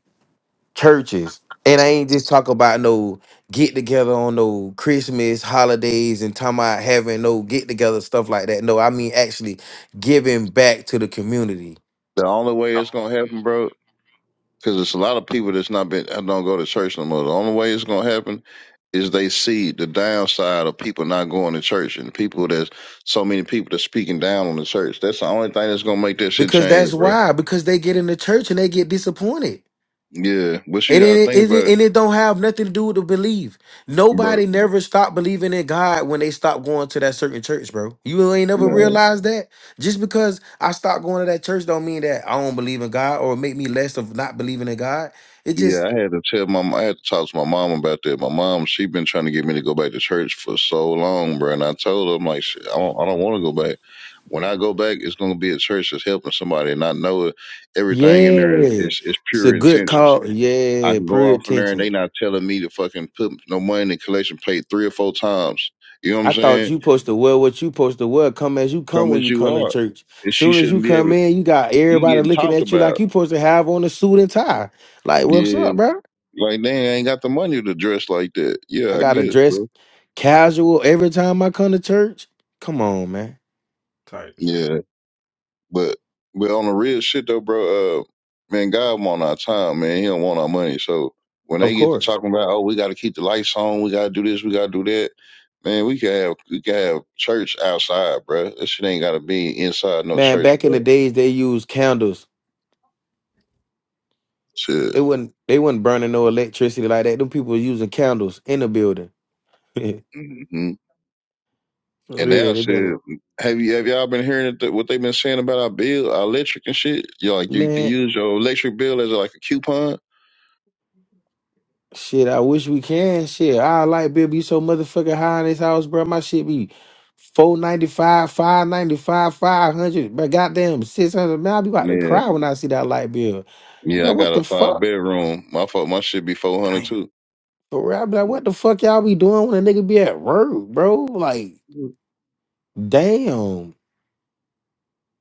B: Churches, and I ain't just talking about no get together on no Christmas holidays and talking about having no get together stuff like that. No, I mean actually giving back to the community
D: The only way it's gonna happen, bro, because it's a lot of people that's not been don't go to church no more. The only way it's gonna happen is they see the downside of people not going to church and people that's so many people that's speaking down on the church. That's the only thing that's gonna make that shit
B: because that's
D: change, bro.
B: why because they get in the church and they get disappointed.
D: Yeah, but she
B: And
D: got to
B: it,
D: think
B: and, it,
D: about it,
B: and it don't have nothing to do with the belief.
D: bro.
B: Nobody never stopped believing in God when they stopped going to that certain church, bro. You ain't never
D: No.
B: realized that. Just because I stopped going to that church don't mean that I don't believe in God or make me less of not believing in God. It
D: Yeah,
B: just
D: I had to tell my I had to talk to my mom about that. My mom, she been trying to get me to go back to church for so long, bro. And I told her, I'm like, shit, I don't, I don't want to go back. When I go back, it's gonna be a church that's helping somebody, and I know it. everything in there
B: yeah,
D: is is
B: it's a
D: pure
B: good
D: intentions.
B: call.
D: I
B: Yeah,
D: can go
B: prayer
D: off in there, and
B: attention.
D: they not telling me to fucking put no money in the collection plate three or four times. You know what I'm
B: I thought
D: saying?
B: you supposed to wear what you supposed to wear. Come as you come
D: Come
B: when
D: as
B: you
D: you
B: come to
D: are,
B: church.
D: and she
B: Soon as you
D: shouldn't be
B: come
D: able.
B: in, you got
D: You
B: everybody
D: getting
B: looking
D: talked
B: at you like
D: about?
B: you supposed to have on a suit and tie. Like, what's
D: Yeah,
B: up, bro?
D: Like, dang, I ain't got the money to dress like that.
B: I
D: Yeah, I
B: gotta
D: get it,
B: dress
D: bro.
B: casual every time I come to church. Come on, man.
C: Type shit.
D: Yeah, but but on the real shit though, bro. Uh, man, God want our time, man. He don't want our money. So when
B: Of
D: they get to
B: course,
D: talking about, oh, we got to keep the lights on, we got to do this, we got to do that, man. We can have we can have church outside, bro. That shit ain't got to be inside no
B: man.
D: church,
B: Back in the
D: bro.
B: days, they used candles.
D: Shit.
B: They wouldn't. They wouldn't burning no electricity like that. Them people was using candles in the building. For
D: hmm And now,
B: real, they better.
D: shit, have you have y'all been hearing that, what they've been saying about our bill, our electric and shit? You know, like you can
B: Man,
D: use your electric bill as like a coupon.
B: shit. I wish we can. Shit, I like bill be so motherfucking high in this house, bro. My shit be. 495, 595, 500, but goddamn 600. Man, I be about to
D: Yeah.
B: cry when I see that light bill. I'm
D: Yeah, I
B: like, what
D: got a
B: the
D: five
B: fuck?
D: bedroom. My fault, my shit be four hundred
C: Damn,
D: too.
B: For real, I be like, what the fuck y'all be doing when a nigga be at work, bro? Like, damn.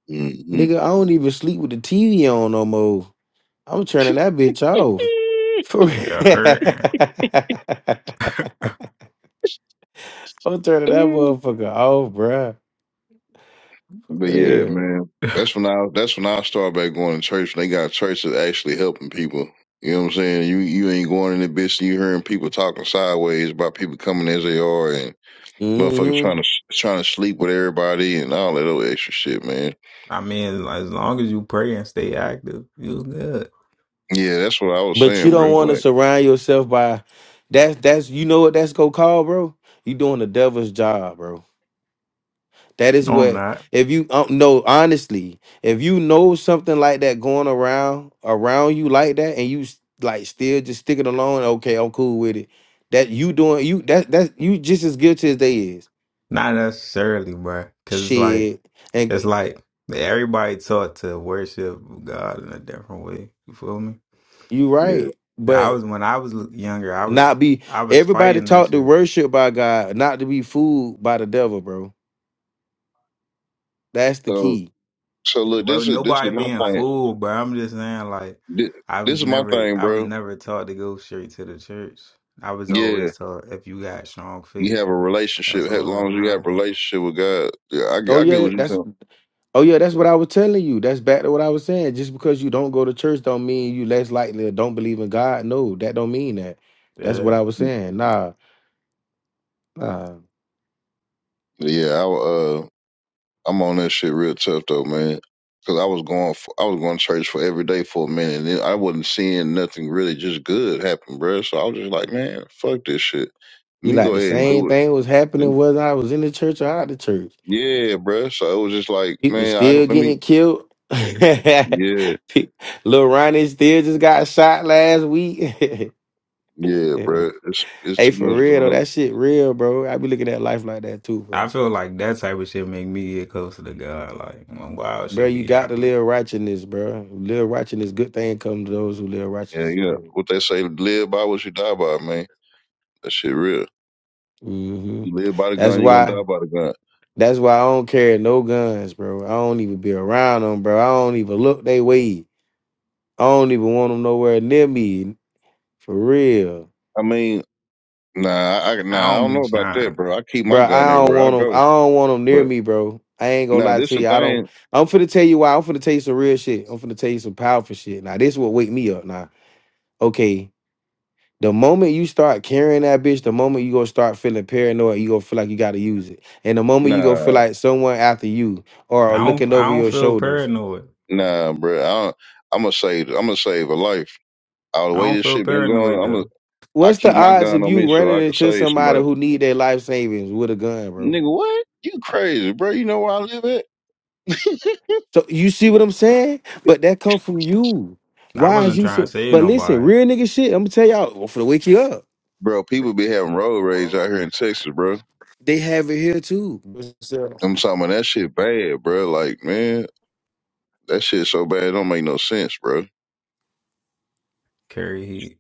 D: hmm
B: Nigga, I don't even sleep with the TV on no more. I'm turning that bitch off. For real.
C: nigga hurt.
B: I'm turning that
D: but
B: motherfucker off, bruh. For
D: yeah,
B: real.
D: man, that's when I that's when I started back going to church. When they got churches actually helping people. You know what I'm saying? You you ain't going in the bitch and you hearing people talking sideways about people coming as they are and motherfuckers
B: hmm
D: trying to trying to sleep with everybody and all that other extra shit, man.
C: I mean, as long as you pray and stay active, you good.
D: Yeah, that's what I was
B: But you
D: saying, bro.
B: don't want to
D: Like,
B: surround yourself by that's that's you know what that's gonna call, bro? You doing the devil's job, bro. That is
C: No, I'm
B: what
C: not.
B: if you don't know honestly, if you know something like that going around around you like that, and you s- like still just stick it alone. Okay, I'm cool with it. That you doing you that that's you just as guilty as they is.
C: Not necessarily, bro. Cause it's like
B: Shit, and
C: it's
B: y-
C: like everybody taught to worship God in a different way. You feel me?
B: you
D: yeah.
B: right,
C: I
B: but
C: was when I was younger, I
B: not
C: was
B: be
C: I was
B: everybody
C: fighting that
B: taught to
C: shit.
B: worship by God, not to be fooled by the devil, bro. That's the
D: So
B: key.
D: so look,
C: Bro,
D: this is this is
C: nobody
D: my
C: being
D: thing.
C: fooled, bro. I'm just saying, like,
D: Thi-
C: I
D: This
C: was
D: is my
C: never,
D: thing,
C: I was
D: bro.
C: never taught to go straight to the church. I was
D: Yeah.
C: always taught if you got strong
D: You
C: faith,
D: have a
C: that's
D: relationship. As
C: all that
D: long as you have
C: matters.
D: a relationship with God, yeah, I,
B: Oh
D: get- I get
B: yeah,
D: what you're
B: that's
D: saying.
B: Oh yeah, that's what I was telling you. That's back to what I was saying. Just because you don't go to church don't mean you less likely or don't believe in God. No, that don't mean that. That's what
C: Yeah,
B: I was saying. Nah, nah.
D: Yeah, I uh, I'm on that shit real tough though, man. Cause I was going, for, I was going to church for every day for a minute, and then I wasn't seeing nothing really just good happen, bruh. So I was just like, man, fuck this shit. Let
B: You
D: me
B: like
D: go
B: the
D: ahead and
B: same
D: do it.
B: thing was happening
D: And-
B: whether I was in the church or out the church.
D: Yeah, bruh. So it was just like,
B: People
D: man, I
B: still
D: let me,
B: getting killed.
D: yeah,
B: Pe- Lil Ronnie still just got shot last week.
D: yeah, bruh.
B: hey,
D: It's it's too
B: for
D: much
B: real
D: going
B: though,
D: on.
B: that shit real, bro. I be looking at life like that too, bro.
C: I feel like that type of shit make me get closer to God. Like, when wild
B: Bro,
C: should
B: you
C: be
B: got to
C: out,
B: live righteousness, bro. Live righteousness, good thing come to those who live
D: Yeah,
B: righteousness,
D: yeah.
B: bro.
D: What they say, live by what you die by, man. That shit real.
B: hmm
D: You live by the
B: That's
D: gun, you gonna die
B: why.
D: by the gun.
B: That's why I don't carry no guns, bro. I don't even be around them, bro. I don't even look they way. I don't even want them nowhere near me, for real,
D: I mean, nah, I I-
C: I
D: nah, I
C: don't
D: don't
C: be
D: know about that,
C: trying.
D: bro. I keep my
B: bro.
D: gun
B: I don't
D: everywhere I
B: want them. I
D: go.
B: don't want them near
D: But
B: me, bro. I ain't gonna
D: nah,
B: lie
D: this
B: to
D: the
B: you. I don't.
D: thing.
B: I'm finna tell you why. I'm finna tell you some real shit. I'm finna tell you some powerful shit. Now this will wake me up. Now, okay. The moment you start carrying that bitch, the moment you gonna start feeling paranoid, you gonna feel like you gotta use it. And the moment you gonna feel
D: Nah,
B: like someone after you or
C: I don't,
B: looking
C: I
B: over
C: don't
B: your
C: feel
B: shoulders.
C: paranoid.
D: nah, bro. I don't, I'm gonna save. I'm gonna save a life. All the
C: I
D: way
C: don't
D: this
C: feel
D: shit been going,
C: paranoid
D: I'm gonna.
C: though.
D: I
B: What's the
D: keep my
B: odds
D: gun
B: of
D: on
B: you
D: me so
B: running
D: I can
B: into
D: save
B: somebody
D: somebody.
B: who need their life savings with a gun, bro?
D: Nigga, what? You crazy, bro? You know where I live at,
B: So you see what I'm saying? But that come from you.
C: I
B: Why is
C: wasn't
B: you
C: trying to
B: so
C: say
B: but listen,
C: nobody
B: real nigga shit, I'm gonna tell y'all for the wake you up.
D: bro? People be having road rage out here in Texas, bro.
B: They have it here too.
D: I'm talking about that shit bad, bro. Like, man, that shit so bad, it don't make no sense, bro.
C: carry heat,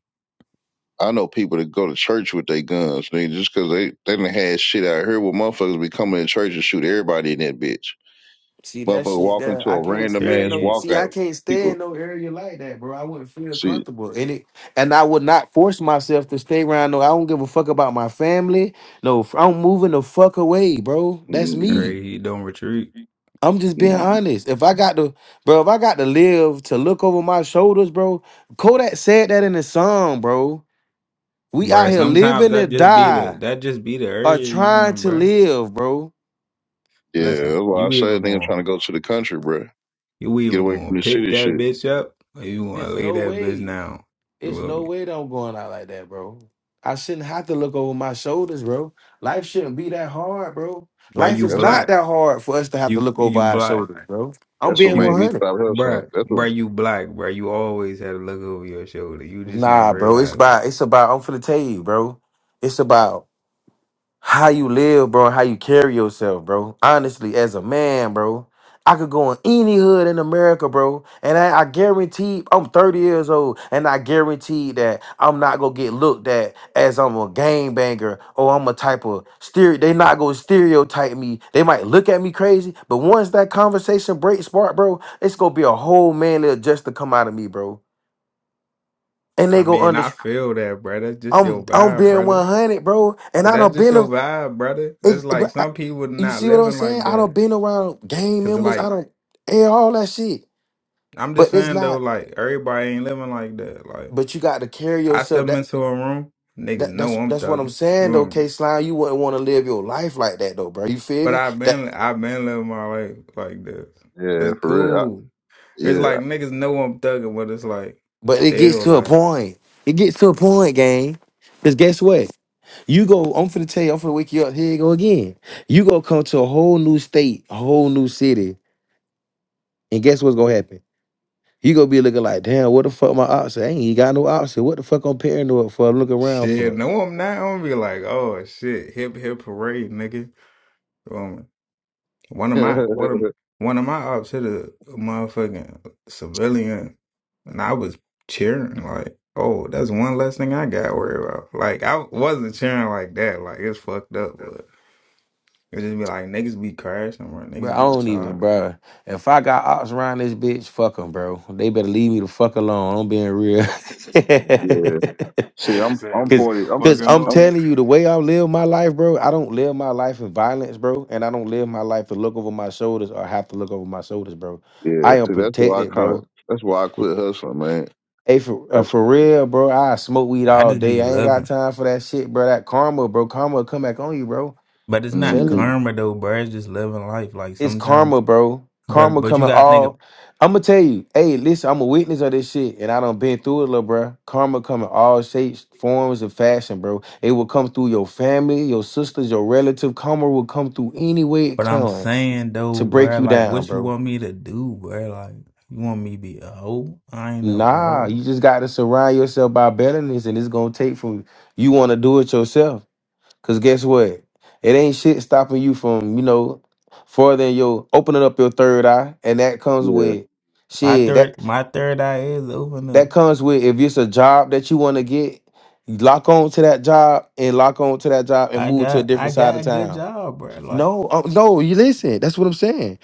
D: I know people that go to church with their guns, nigga, cause they they done had shit out here where motherfuckers be coming to church and shoot everybody in that bitch.
B: See that
D: Motherfucker
B: shit
D: walk
B: there.
D: into
B: I
D: a
B: can't
D: random
C: carry
B: stand
D: ass
B: no.
C: heat,
B: See, I
D: walkout.
B: can't
D: People
B: stand no area like that, bro. I wouldn't feel
D: see,
B: comfortable in it, and I would not force myself to stay around. No, I don't give a fuck about my family. No, f- I'm moving the fuck away, bro. That's
D: mm-hmm,
B: me.
C: carry heat. Don't retreat.
B: I'm just being
D: mm-hmm.
B: honest. If I got to, bro, if I got to live to look over my shoulders, bro. Kodak said that in the song, bro. We out
C: Bruh,
B: here
D: mm-hmm.
C: sometimes
B: living to
C: that just be the
B: die
C: that just be the
B: or
C: area you
B: trying
C: in,
B: to
C: bruh.
B: live, bro.
D: yeah,
C: Listen,
D: that's why I
C: you either
D: said nigga trying
C: going
D: to go to the country, bro.
C: you
D: Get
C: either
D: away
C: gonna
D: from this
C: pick
D: city
C: that
D: shit.
C: bitch up or you gonna
B: There's
C: lay
B: no
C: that bitch
B: way.
C: down. You
B: It's
C: feel
B: no
C: me?
B: way that I'm going out like that, bro. I shouldn't have to look over my shoulders, bro. Life shouldn't be that hard, bro.
C: Bruh,
B: Life
C: you
B: is
D: That's what
B: not
C: black.
B: that hard for us to have to
C: You
B: look over
C: you
B: our
C: black.
B: shoulders, bro. I'm
D: that's what
B: being
C: You
D: made
C: b-
D: me
B: 100.
D: stop hustling.
C: bruh,
D: That's what,
C: bruh, you black, bruh. You always had to look over your shoulder. You just ain't
B: Nah, bro. It's
C: realize it.
B: about. It's about. I'm finna tell you, bro. It's about. how you live, bro, and how you carry yourself, bro. Honestly, as a man, bro, I could go in any hood in America, bro, and I, I guarantee I'm 30 years old, and I guarantee that I'm not gonna get looked at as I'm a gangbanger or I'm a type of stereo. They not gonna stereotype me. They might look at me crazy, but once that conversation breaks spark, bro, it's gonna be a whole manly adjust to come out of me, bro, and they
C: I
B: go
C: mean,
B: under.
C: I feel that, bruh. That's just your
B: I'm I'm
C: vibe,
B: being
C: brother.
B: 100, bro, and
C: But
B: I
C: that's
B: don't
C: just
B: been a-
C: your vibe, brother. It's
B: It,
C: like
B: but I,
C: some people
B: you
C: not
B: see what I'm
C: living
B: saying?
C: like
B: I don't
C: that.
B: been around gang
C: Cause
B: members. I
C: like
B: don't air all that shit.
C: I'm just
B: But it's
C: saying though,
B: not.
C: like everybody ain't living like that. Like
B: But you got to carry
C: I
B: yourself.
C: step
B: That
C: into a room, niggas
B: that
C: know
B: that's
C: I'm
B: that's what I'm
C: thugging. You
B: saying
C: feel
B: though.
C: me?
B: K slime, you wouldn't want to live your life like that though, bro. You feel
C: But
B: me?
C: I've
B: That.
C: been I've been living my life like this.
D: yeah,
C: It's
D: for real. I,
C: cool. It's like
D: yeah,
C: niggas know I'm thugging, but it's like
B: But it gets
C: still
B: to a
C: like
B: point. It gets to a point, gang. Cause guess what? You go. I'm finna tell you. I'm finna wake you up. Here you go again. You go come to a whole new state, a whole new city, and guess what's gonna happen? You gonna be looking like, damn, what the fuck my option? I ain't even got no option. What the fuck I'm paranoid for? Look around
C: shit.
B: for.
C: No, I'm not. I'm gonna be like, oh shit, hip hip parade, nigga. One of my one of one of my ops hit a motherfucking civilian, and I was cheering like, "Oh, that's one less thing I got to worry about." Like I wasn't cheering like that. Like it's fucked up, but it just be like niggas be crashing or
B: Bro, I
C: niggas be
B: don't even,
C: retarded.
B: bro. If I got ops around this bitch, fuck them, bro. They better leave me the fuck alone. I'm being real.
D: yeah. See,
C: Niggas
D: I'm
C: said,
D: I'm
C: "Leave
B: Cause,
C: me
D: forty.
C: the
D: I'm
C: fuck
B: Cause I'm
D: I'm
C: alone."
B: telling you, the way I live my life, bro, I don't live my life in violence, bro. And I don't live my life to look over my shoulders or have to look over my shoulders, bro.
D: yeah.
B: I am
D: See, that's why I
B: protected, bro.
D: kind of that's why I quit hustling, man.
B: Hey, for uh, for real, bro. I smoke weed
C: I
B: all
C: just
B: day.
C: be
B: I ain't got
C: living,
B: time for that shit, bro. That karma, bro. Karma will come back on you, bro.
C: but it's not
B: Telling
D: hmm
B: you,
C: karma though, bro. It's just living life. Like
B: it's karma,
C: sometimes,
B: bro.
C: but
B: Karma
C: but you
B: coming
C: gotta think.
B: all. I'm gonna tell you. Hey, listen. I'm a witness of this shit, and I done been through it, little bro. Karma coming all shapes, forms, and fashion, bro. It will come through your family, your sisters, your relative. Karma will come through any way it
C: But I'm
B: comes
C: saying
B: to
C: though,
B: break
C: bruh,
B: you
C: like
B: down,
C: what you
B: bro.
C: want me to do, bruh? Like you want me to be a hoe? I ain't no
B: Nah,
C: hoe.
B: you just got to surround yourself by betterness, and it's gonna take from you want to do it yourself Cause guess what? It ain't shit stopping you from, you know, further than your opening up your third eye. And that comes
D: Yeah.
B: with
C: My
B: shit. That
C: third my third eye is open
B: that
C: though.
B: comes with if it's a job that you want to get, you lock on to that job and lock on to that job and
C: I
B: move to a
C: got
B: different
C: I
B: side
C: got
B: of
C: a good
B: town.
C: job, bruh. Like
B: No, uh, no, you listen. That's what I'm saying.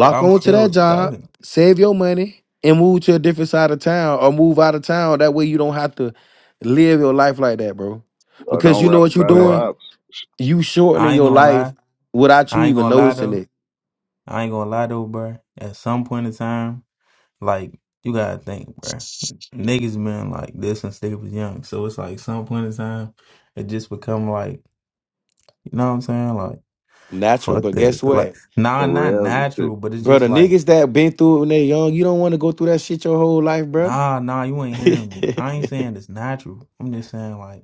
C: but I'm
B: on to that
C: still
B: job,
C: thugging,
B: save your money, and move to a different side of town or move out of town. That way you don't have to live your life like that, bro.
D: Or
B: Because
D: don't
B: you know
D: rap
B: what you're
D: about no
C: bruh.
B: doing?
D: ops
B: you shortening
C: I ain't
B: your
C: gonna
B: life
C: lie.
B: without you
C: I ain't
B: even
C: gonna lie
B: noticing
C: though.
B: it.
C: I ain't gonna lie though, bruh. At some point in time, like you gotta think, bruh. Niggas been like this since they was young. So it's like some point in time, it just become like you know what I'm saying? like.
B: Natural,
C: Fuck
B: but guess
C: that. Like,
B: what,
C: nah,
D: and
C: not
D: reality shit.
C: natural, but it's
B: bro? The
C: just like,
B: niggas that been through it when they young, you don't want to go through that shit your whole life, bro.
C: nah, nah, you ain't hearing me. I ain't saying it's natural. I'm just saying like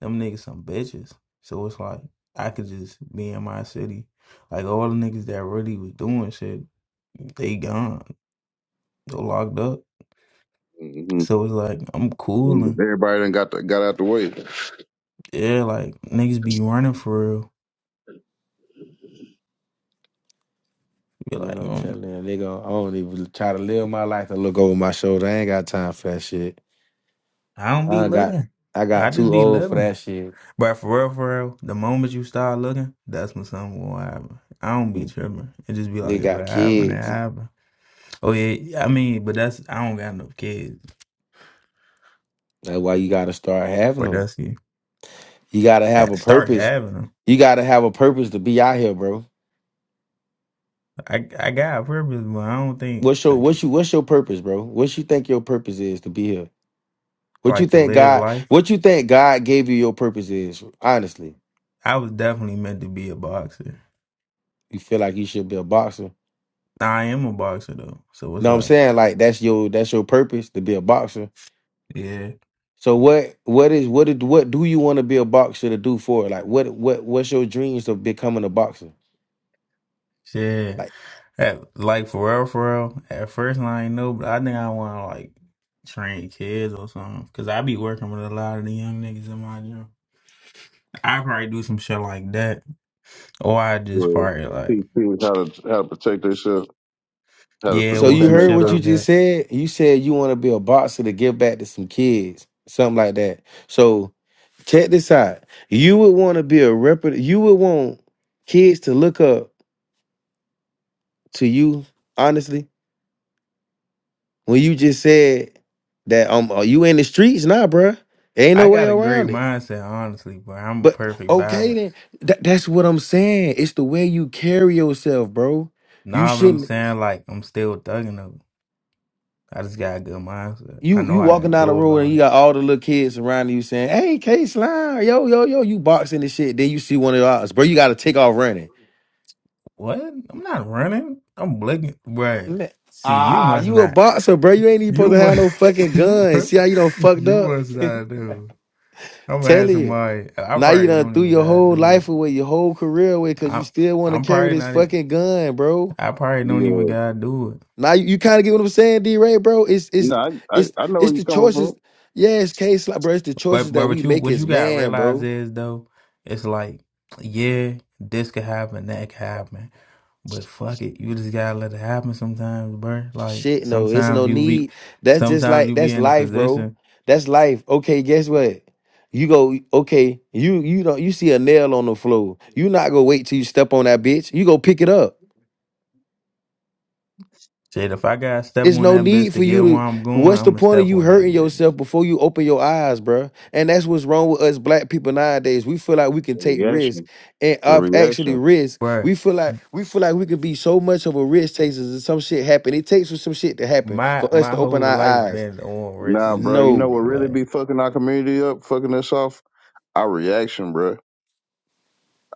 C: them niggas some bitches. So it's like I could just be in my city. Like all the niggas that really was doing shit, they gone. They locked up.
D: hmm
C: So it's like I'm
D: And
C: cooling.
D: everybody done got the, got out the way.
C: Yeah, like niggas be running for real. Be
B: Man,
C: like,
B: I'm
C: mm,
B: telling you, nigga, I don't even try to live my life and look over my shoulder. I ain't got time for that shit.
C: I don't
B: I
C: be
B: done got,
C: looking.
B: I
C: I
B: got
C: just
B: too
C: be
B: old for
C: living.
B: that shit.
C: But for real, for real, the moment you start looking, that's when something will happen. I don't be
B: N-
C: tripping. It just be like,
B: They
C: if
B: got
C: it happened, it
B: kids.
C: happened. Oh yeah, I mean, but that's I don't got no kids.
B: That's why you got to start having
C: But
B: them.
C: that's you
B: You got to have a
C: start
B: purpose.
C: having them.
B: You got to have a purpose to be out here, bro.
C: I I got a purpose, but I don't think
B: What's your, what's
C: okay,
B: you, what's your purpose, bro? What you think your purpose is to be here? What you
C: like to
B: think
C: live
B: God?
C: life.
B: What you think God gave you your purpose is? Honestly,
C: I was definitely meant to be a boxer.
B: you feel like you should be a boxer.
C: Nah, I am a boxer though, so it's
B: Know what I'm
C: like
B: saying? Like that's your that's your purpose to be a boxer.
C: yeah,
B: So what what is what did what do you want to be a boxer to do for? Like what what what's your dreams of becoming a boxer?
C: shit.
B: Like
C: At, like for real, for real. At first, I ain't know, but I think I want to like train kids or something. Cause I be working with a lot of the young niggas in my gym. I probably do some shit like that, or I just
D: Well,
C: probably like
D: teach people how to how to protect themselves, how
C: yeah,
D: to
B: So
C: want
B: you
C: some
D: defend
B: heard
C: shit
B: what you
C: like
D: themselves.
B: just
C: that.
B: said? You said you want to be a boxer to give back to some kids, something like that. So check this out. You would want to be a reput you would want kids to look up to you, honestly. When you just said that um are you in the streets now, nah, bruh. Ain't no
C: I
B: way
C: got a great
B: around it.
C: mindset, honestly, but I'm a
B: But
C: perfect
B: okay
C: balance.
B: then. That, that's what I'm saying. It's the way you carry yourself, bro. You
C: Nah, but I'm
B: shouldn't
C: saying like I'm still thugging though. I just got a good mindset. I
B: You
C: know
B: you
C: how I
B: walking down the
C: go
B: road and
C: about
B: you
C: it.
B: got all the little kids around you saying, "Hey, K Slime, yo yo yo," you boxing and shit. Then you see one of ours, bro. You got to take off running.
C: What? I'm not running. I'm blinking. Right.
B: Man,
C: See, you
B: Ah,
C: must
B: you a
C: not.
B: boxer, bro. You ain't even supposed
C: You
B: to have no fucking
C: must, you
B: gun. See how
C: must,
B: you done fucked
C: you
B: up?
C: must not do. I'm gonna
B: Tell
C: have
B: you.
C: somebody. I
B: Now you
C: probably
B: done
C: don't
B: threw
C: even
B: your
C: gotta
B: whole
C: do
B: life
C: it.
B: away, your whole career away, cause you
C: I'm,
B: still want to
C: I'm
B: carry
C: probably
B: this
C: not. e-
B: fucking gun, bro.
C: I probably don't even
D: Yeah.
C: gotta do it.
B: Now you, you kind of get what I'm saying, D Ray, bro. It's it's
D: No, I, I
B: it's
D: I know
B: it's
D: where
B: the
D: you coming from.
B: choices. Yeah, it's K Slime, bro. It's the choices
C: But, but
B: that we
C: what you,
B: make
C: what
B: as
C: you gotta
B: man, bro.
C: realize is though, it's like, yeah, this could happen, that could happen, but fuck it, you just gotta let it happen sometimes, bro. Like
B: Shit, no, it's
C: sometimes
B: no
C: you be,
B: need. That's just
C: sometimes
B: like
C: you be
B: that's
C: in a
B: life, bro.
C: position.
B: That's life. Okay, guess what? You go okay. You you don't you see a nail on the floor. You not gonna wait till you step on that bitch. You go pick it up.
C: Shit, if I gotta step
B: It's
C: on
B: no
C: that bitch
B: need for
C: to
B: you
C: get where
B: to.
C: I'm going,
B: What's
C: I'm
B: the
C: gonna
B: point of
C: step
B: you
C: on that
B: hurting
C: bitch,
B: yourself before you open your eyes, bruh? And that's what's wrong with us black people nowadays. We feel like we can
D: The
B: take risk,
D: reaction.
B: and
D: The
B: of actually
D: reaction.
B: risk.
C: bruh.
B: We feel like we feel like we could be so much of a risk takers, and some shit happen. It takes for some shit to happen
C: My
B: for us to
C: my
B: open
C: whole
B: our
C: life
B: eyes.
C: been on
D: Nah,
C: risk,
D: bro, you know
C: nigga.
B: No,
D: what really
C: Like,
D: be fucking our community up, fucking us off? Our reaction, bro.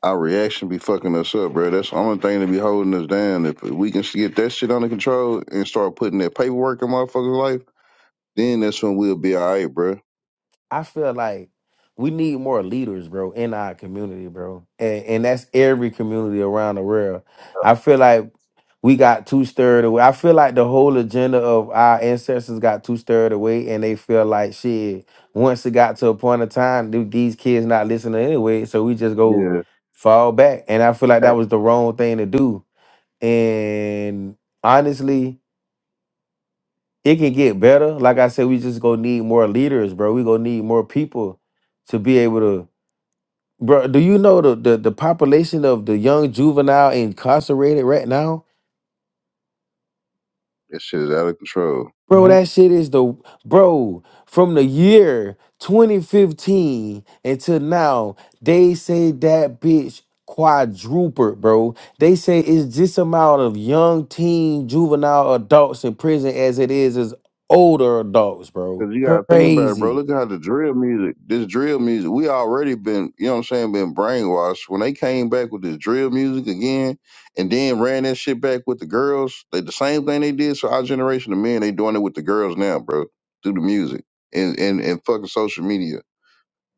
D: Our reaction be fucking us up, bro. That's the only thing that be holding us down. If we can get that shit under control and start putting that paperwork in motherfuckers' life, Then that's when we'll be all right, bro.
B: I feel like we need more leaders, bro, in our community, bro, and and that's every community around the world. I feel like we got too stirred away. I feel like the whole agenda of our ancestors got too stirred away, and they feel like shit. Once it got to a point of time, dude, these kids not listening anyway, so we just go
D: Yeah.
B: fall back. And I feel like that
D: Hey,
B: was the wrong thing to do. And honestly. it can get better. Like I said, we just gonna need more leaders, bro. We gonna need more people to be able to, bro. Do you know the the, the population of the young juvenile incarcerated right now,
D: that shit is out of control.
B: bro?
C: nope.
B: That shit is the bro from the year 2015 until now. They say that bitch quadrupled, bro. They say it's just amount of young teen juvenile adults in prison as it is as older adults, bro.
D: Cause you gotta think about it, bro.
B: Crazy.
D: Look how the drill music, this drill music, we already been, you know what I'm saying, been brainwashed. When they came back with this drill music again, and then ran that shit back with the girls, they the same thing they did. So our generation of men, they doing it with the girls now, bro, through the music and and and fucking social media.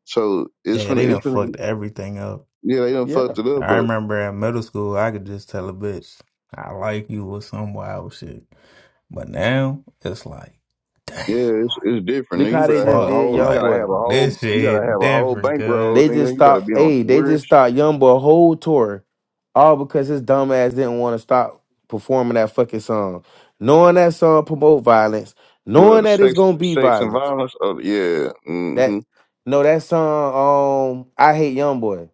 D: So it's
C: Yeah, they
D: finna,
C: done
D: it's finna,
C: fucked everything up.
D: yeah, they done
B: yeah.
D: fucked it up,
C: I
D: but.
C: remember in middle school, I could just tell a bitch I like you or some wild shit. But now it's like, damn,
D: Yeah, it's,
C: like
D: it's different.
B: Look
D: Nigga. You
B: how they
D: better have
B: just
D: a
C: fuck,
B: did
D: whole. You
B: Young
C: like
D: gotta have
B: Boy.
D: a whole.
C: this
D: You gotta
C: shit
D: have a whole
C: different,
D: bankroll,
B: They
C: cuz.
B: just
D: nigga. You better
B: stopped.
D: be on
B: Hey,
D: some
B: they
D: weird.
B: just
D: sh-
B: stopped Young Boy whole tour, all because his dumb ass didn't want to stop performing that fucking song, knowing that song promote violence,
D: Well,
B: knowing
D: the
B: that it's
D: sex,
B: gonna be
D: sex and
B: violence.
D: violence. Oh, yeah. hmm
B: That no, that song. Um, I hate Young Boy.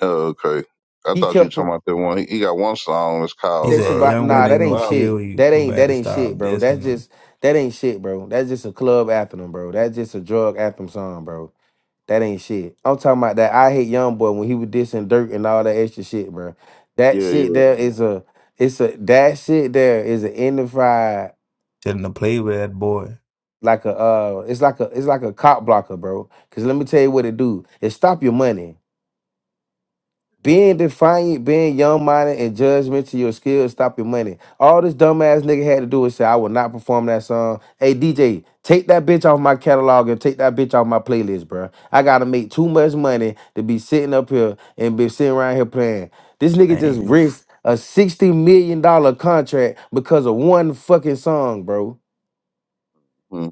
D: Oh, okay. I
B: He
D: thought you were
B: kept
D: talking
B: pu-
D: about that one. He, he got one song. It's
C: He
D: called
B: sex and
C: said,
D: uh,
B: vi-
C: young one,
B: Nah,
D: "Sex
C: they
B: that
D: and
B: ain't
C: gonna
D: Violence."
B: shit.
C: kill you.
B: That
C: You
B: ain't that
C: better
B: ain't
C: stop
B: shit, bro. That's
C: dissing them.
B: just that ain't shit, bro. That's just a club anthem, bro. That's just a drug anthem song, bro. That ain't shit. I'm talking about that. I hate Young Boy when he was dissing Dirt and all that extra shit, bro. That
D: Yeah,
B: shit
D: yeah.
B: there is a, it's a that shit there is an identified
C: Shouldn't have played with that boy.
B: like a uh, it's like a it's like a cop blocker, bro. Cause let me tell you what it do. It stop your money. Being defiant, being young minded, and judgment to your skills, stop your money. All this dumbass nigga had to do was say, I will not perform that song. Hey, DJ, take that bitch off my catalog and take that bitch off my playlist, bruh. I gotta make too much money to be sitting up here and be sitting around here playing. This nigga just
C: Ain't no. F-
B: risked a $60 million dollar contract because of one fucking song, bro.
D: hmm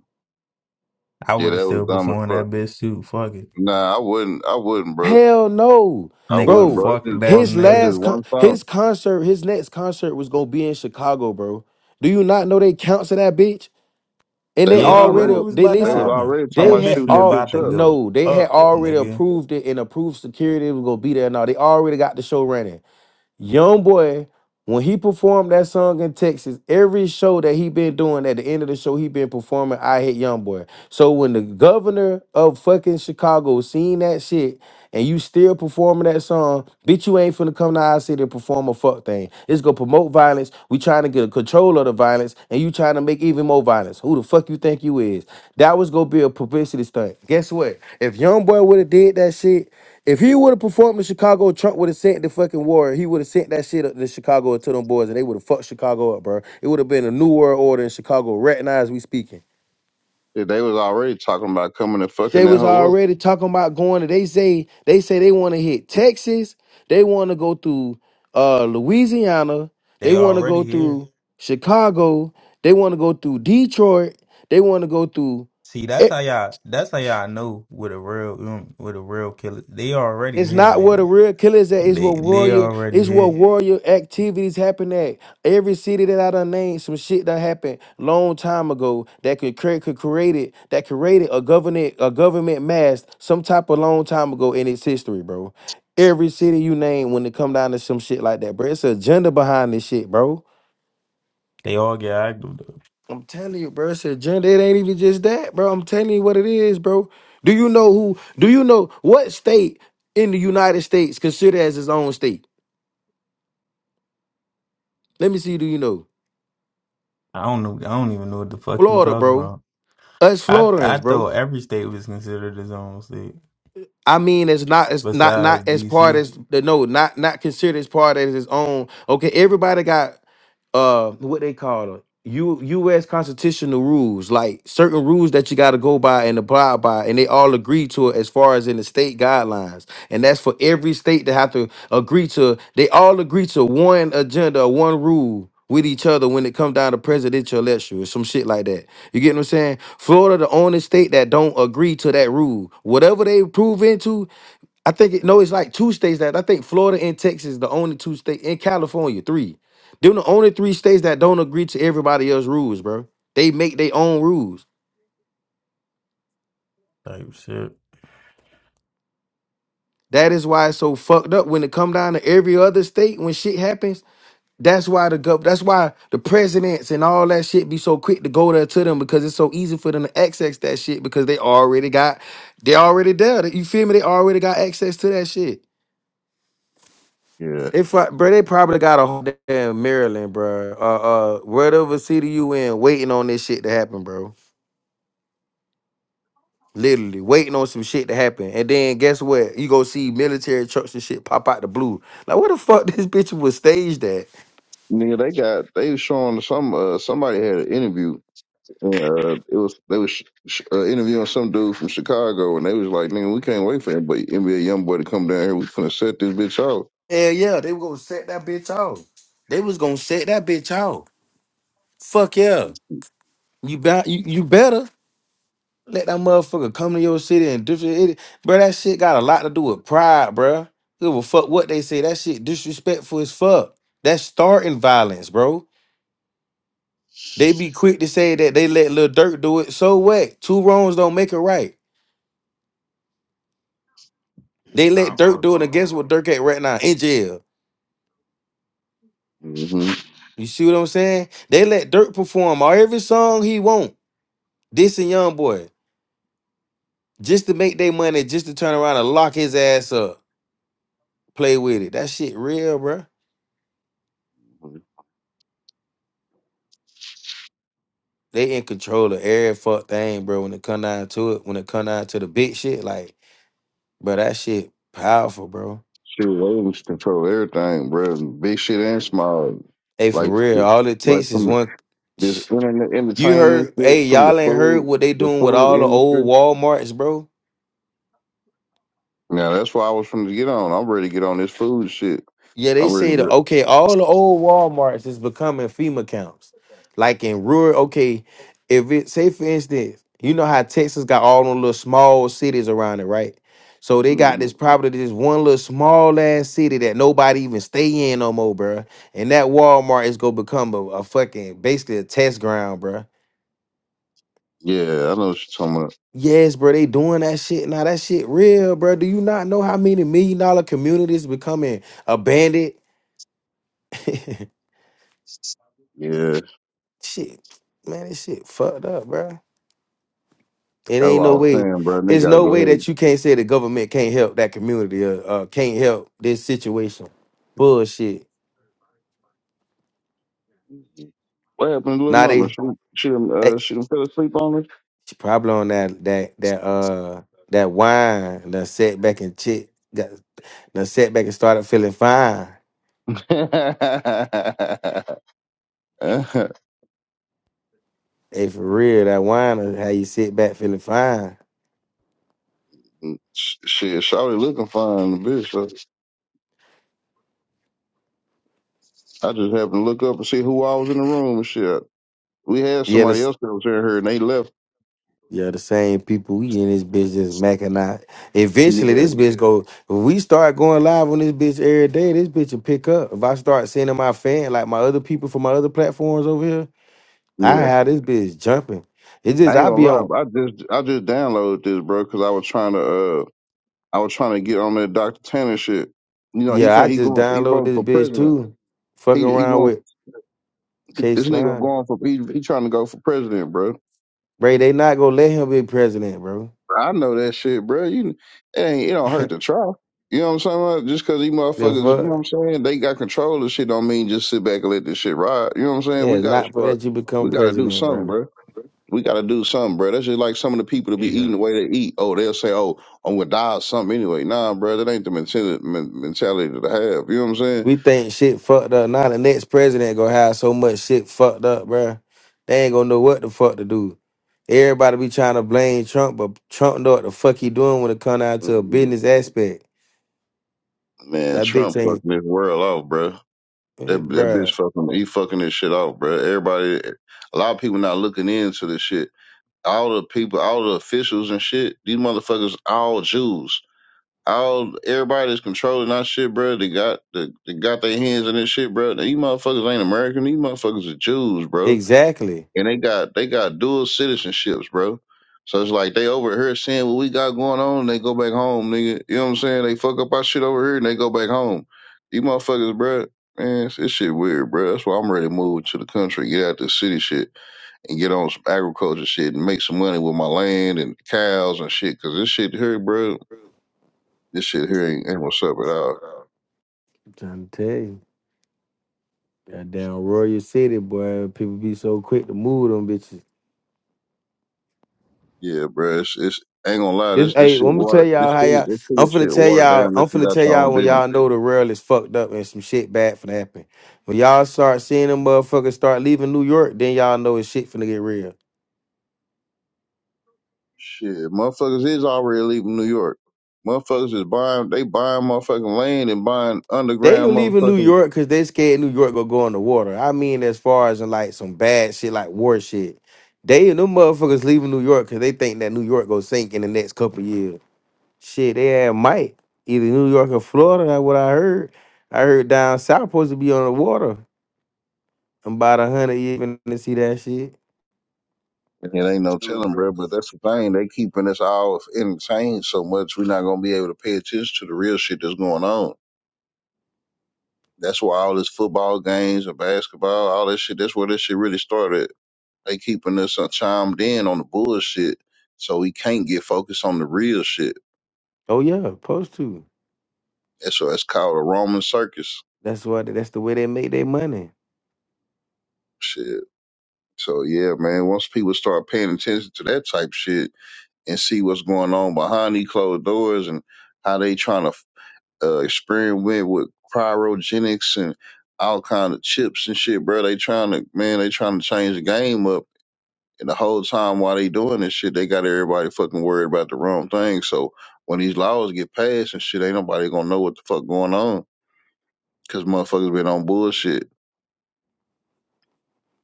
C: I
D: Yeah,
C: would have
D: that was
C: still
D: dumb as
C: performed
D: fuck.
C: that bitch too. Fuck it,
D: Nah, I wouldn't. I wouldn't, bro.
B: Hell no,
D: I
C: nigga.
D: wouldn't,
B: bro.
D: bro. That's
C: Fuck
D: just
C: that
D: one.
B: His
D: That's just
C: nigga.
B: last con-
D: one song.
B: his concert, his next concert was gonna be in Chicago, bro. Do you not know they counts in that bitch? And
D: They
B: they
D: was
C: Yeah, they knew
B: already
C: it
D: already.
C: was
B: they
C: about to
D: They was
B: listen.
C: happen.
D: already talking
C: That
B: They
D: about
B: had
C: bitch
D: shooting
C: was
D: that
B: all
C: about
D: bitch
C: to
D: up.
C: go
B: no, they had
C: up,
B: already
C: nigga.
B: approved it and approved security was gonna be there. Now they already got the show running. Young boy, when he performed that song in Texas, every show that he been doing at the end of the show, he been performing I Hate Young Boy. So when the governor of fucking Chicago seen that shit and you still performing that song, bitch, you ain't finna come to our city and perform a fuck thing. It's gonna promote violence. We trying to get a control of the violence, and you trying to make even more violence. Who the fuck you think you is? That was gonna be a publicity stunt. Guess what? If Young Boy would have did that shit. If he would have performed in Chicago, Trump would have sent the fucking war. He would have sent that shit up to Chicago to them boys, and they would have fucked Chicago up, bro. It would have been a new world order in Chicago, right now as we speaking.
D: Yeah, They was already talking about coming and fucking
B: They
D: that
B: was
D: hoe up.
B: already talking about going. To, they say they say they want to hit Texas. They want to go through uh, Louisiana. They
C: They
B: want to go
C: already here.
B: through Chicago. They want to go through Detroit. They want to go through.
C: See, that's how y'all. That's how y'all know with a real, um, with a real killer. They already
B: It's
C: here,
B: not where the
C: nigga.
B: real killer is at. It's
C: They
B: where
C: they
B: warrior.
C: already
B: It's where
C: here.
B: warrior activities happen at. Every city that I done named, some shit that happened long time ago that could create, could create it, that created a government a government mask some type of long time ago in its history, bro. Every city you name when it come down to some shit like that, bro. It's an agenda behind this shit, bro.
C: They all get active though.
B: I'm telling you, bro. It's an agenda. It ain't even just that, bro. I'm telling you what it is, bro. Do you know who? Do you know what state in the United States considered as its own state? Let me see. Do you know
C: I don't know. I don't even know what the fuck you
B: Florida,
C: talking
B: bro?
C: about.
B: Us
C: I
B: Floridians,
C: I
B: bro.
C: thought every state was considered its own state
B: I mean, it's not, it's not,
C: besides
B: not as part
C: D.C.
B: as the no, not not considered as part as its own. Okay, everybody got uh what they call them U, U.S. constitutional rules, like certain rules that you got to go by and abide by, and they all agree to it as far as in the state guidelines, and that's for every state to have to agree to. They all agree to one agenda, or one rule with each other when it comes down to presidential election or some shit like that. You get what I'm saying? Florida, the only state that don't agree to that rule. Whatever they prove into, I think it, no, it's like two states that I think Florida and Texas, the only two states in California, three. Them the only three states that don't agree to everybody else's rules, bro. They make their own rules.
C: type shit.
B: That is why it's so fucked up when it come down to every other state when shit happens. That's why the gov- that's why the presidents and all that shit be so quick to go there to them because it's so easy for them to access that shit because they already got they already there. You feel me? They already got access to that shit.
D: Yeah.
B: They fuck, bro. They probably got a whole damn Maryland, bro. Uh, uh, whatever city you in, waiting on this shit to happen, bro. Literally waiting on some shit to happen. And then guess what? You go see military trucks and shit pop out the blue. Like where the fuck this bitch was staged at?
D: Nigga, they got they was showing some uh, somebody had an interview. And, uh, it was they was sh- sh- uh, interviewing some dude from Chicago, and they was like, "Nigga, we can't wait for everybody, NBA young boy to come down here. We finna set this bitch out."
B: Hell yeah, they were gonna set that bitch off. They was gonna set that bitch off. Fuck yeah. You bet you, you better let that motherfucker come to your city and different it. Bro, that shit got a lot to do with pride, bro. Give a fuck what they say. That shit disrespectful as fuck. That's starting violence, bro. They be quick to say that they let Lil Durk do it. So what? Two wrongs don't make a right. They let Dirk do it against what Dirk at right now in jail.
D: Mm-hmm.
B: You see what I'm saying? They let Dirk perform all every song he want. This and Young Boy, just to make their money, just to turn around and lock his ass up, play with it. That shit real, bruh. They in control of every fuck thing, bro. When it come down to it, when it come down to the big shit, like, bro, that shit powerful, bro.
D: Shit, Williams control everything, bro. Big shit and small,
B: Hey, for
D: like
B: real, all it
D: like
B: takes is
D: from the,
B: one.
D: this internet
B: You
D: entertainment
B: heard?
D: shit,
B: Hey,
D: from the
B: y'all ain't heard
D: food,
B: what they
D: the
B: doing with
D: food
B: all the old
D: industry.
B: WalMarts, bro?
D: Now that's why I was finna get on. I'm ready to get on this food shit.
B: Yeah, they
D: I'm ready
B: say the
D: to.
B: okay, all the old Walmarts is becoming FEMA camps. Like in rural, okay, if it say for instance, you know how Texas got all them little small cities around it, right? So they got
D: mm
B: this probably this one little small ass city that nobody even stay in no more, bruh. And that Walmart is gonna become a, a fucking basically a test ground, bruh.
D: Yeah, I know what you're talking about.
B: Yes, bro, they doing that shit now. That shit real, bro. Do you not know how many million dollar communities becoming abandoned?
D: Yeah.
B: Shit, man, this shit fucked up, bro. It
D: That's
B: ain't
D: what I
B: no
D: was
B: way.
D: saying, bro. They
B: It's
D: gotta
B: no
D: go
B: way
D: ahead.
B: that you can't say the government can't help that community or uh, can't help this situation. Bullshit.
D: What happened to little
B: Now
D: mama? She
B: they,
D: she
B: eh,
D: done, uh she done fell asleep on us.
B: she probably on that that that uh that wine. Done sat back and chick got done sat back and started feeling fine. Hey, for real, that wine is how you sit back feeling fine.
D: shit, Shawty looking fine, bitch. So I just happened to look up and see who I was in the room and shit. We had
B: Yeah,
D: somebody
B: this.
D: else that was in here and they left.
B: Yeah, the same people we in this bitch just macking out.
D: Yeah,
B: Eventually, this bitch go. If we start going live on this bitch every day, this bitch will pick up. If I start sending my fan like my other people from my other platforms over here, I
D: yeah.
B: have this bitch jumping. It just
D: I ain't
B: I
D: gonna
B: be
D: lie,
B: on.
D: but I just I just downloaded this, bro, because I was trying to uh I was trying to get on that Dr. Tanner shit. You know, he
B: Yeah, I
D: fin- he
B: just
D: going he
B: download
D: voting
B: this
D: for
B: bitch
D: president.
B: too. Fucking
D: He he
B: around
D: going
B: with K
D: This nigga
B: Slime,
D: going for he, he trying to go for president, bro.
B: bro. They not gonna let him be president, bro.
D: I know that shit, bro. You it ain't it don't hurt to try. You know what I'm saying? Like, Just cause these
B: the
D: motherfuckers, you know what
B: fuck.
D: I'm saying, they got control of shit don't mean just sit back and let this shit ride. You know what I'm saying? We
B: That's
D: gotta
B: not gonna
D: start
B: let you
D: we
B: become
D: gotta do
B: president,
D: something,
B: bro.
D: bro. We gotta do something, bro. That's just like some of the people that be eating the way they eat. Oh, they'll say, Oh, I'm gonna die or something anyway. Nah, bro, that ain't the mentality mentality to have. You know what I'm saying?
B: We think shit fucked up. Now the next president gonna have so much shit fucked up, bruh. They ain't gonna know what the fuck to do. Everybody be trying to blame Trump, but Trump know what the fuck he doing when it come down to a business aspect.
D: Man,
B: That bitch
D: Trump fucking
B: ain't,
D: this world off, bro.
B: eh,
D: That, that bitch
B: bruh.
D: fucking, he fucking this shit out, bro. Everybody, a lot of people not looking into this shit. All the people, all the officials and shit, these motherfuckers, all Jews. All everybody that's controlling our shit, bro. They got they, they got their hands in this shit, bro. These motherfuckers ain't American. These motherfuckers are Jews, bro
B: Exactly.
D: and they got they got dual citizenships, bro. So it's like they over here seeing what we got going on, and they go back home, nigga. You know what I'm saying? They fuck up our shit over here, and they go back home. You motherfuckers, bro. Man, it's, this shit weird, bro. That's why I'm ready to move to the country, get out this city shit, and get on some agriculture shit, and make some money with my land and cows and shit. Cause this shit here, bro, this shit here ain't, ain't what's up at all.
B: I'm trying to tell you. goddamn Royal City, boy. People be so quick to move them bitches.
D: Yeah, bro. It's, it's ain't gonna lie.
B: This
D: This this
B: hey, I'm
D: shit
B: gonna tell
D: water.
B: y'all
D: This
B: how
D: city,
B: y'all.
D: this
B: I'm
D: city
B: finna
D: shit
B: tell
D: watered
B: y'all.
D: down.
B: I'm
D: If you
B: finna
D: got
B: tell
D: your own
B: y'all when
D: business.
B: y'all know the world is fucked up and some shit bad finna happen. When y'all start seeing them motherfuckers start leaving New York, then y'all know it's shit finna get real.
D: Shit, motherfuckers is already leaving New York. Motherfuckers is buying, they buying motherfucking land and buying
B: They ain't
D: underground
B: leaving New
D: motherfucking.
B: York because they scared New York gonna go in the water. I mean, as far as in like some bad shit, like war shit. They and them motherfuckers leaving New York because they think that New York gonna sink in the next couple years. Shit, they had might either New York or Florida. That's what I heard. I heard down south supposed to be on the water. I'm about a hundred even to see that shit.
D: It ain't no telling, bro, but that's the thing. They keeping us all entertained so much, we're not going to be able to pay attention to the real shit that's going on. That's why all this football games and basketball, all that shit, that's where this shit really started. They keeping us uh, chimed in on the bullshit so we can't get focused on the real shit.
B: Oh yeah, supposed to.
D: That's why it's called a Roman circus.
B: That's why. That's the way they make their money.
D: Shit. So yeah, man, once people start paying attention to that type shit and see what's going on behind these closed doors and how they trying to uh, experiment with cryogenics and all kind of chips and shit, bro. They trying to man, they trying to change the game up. And the whole time while they doing this shit, they got everybody fucking worried about the wrong thing. So when these laws get passed and shit, ain't nobody gonna know what the fuck going on because motherfuckers been on bullshit.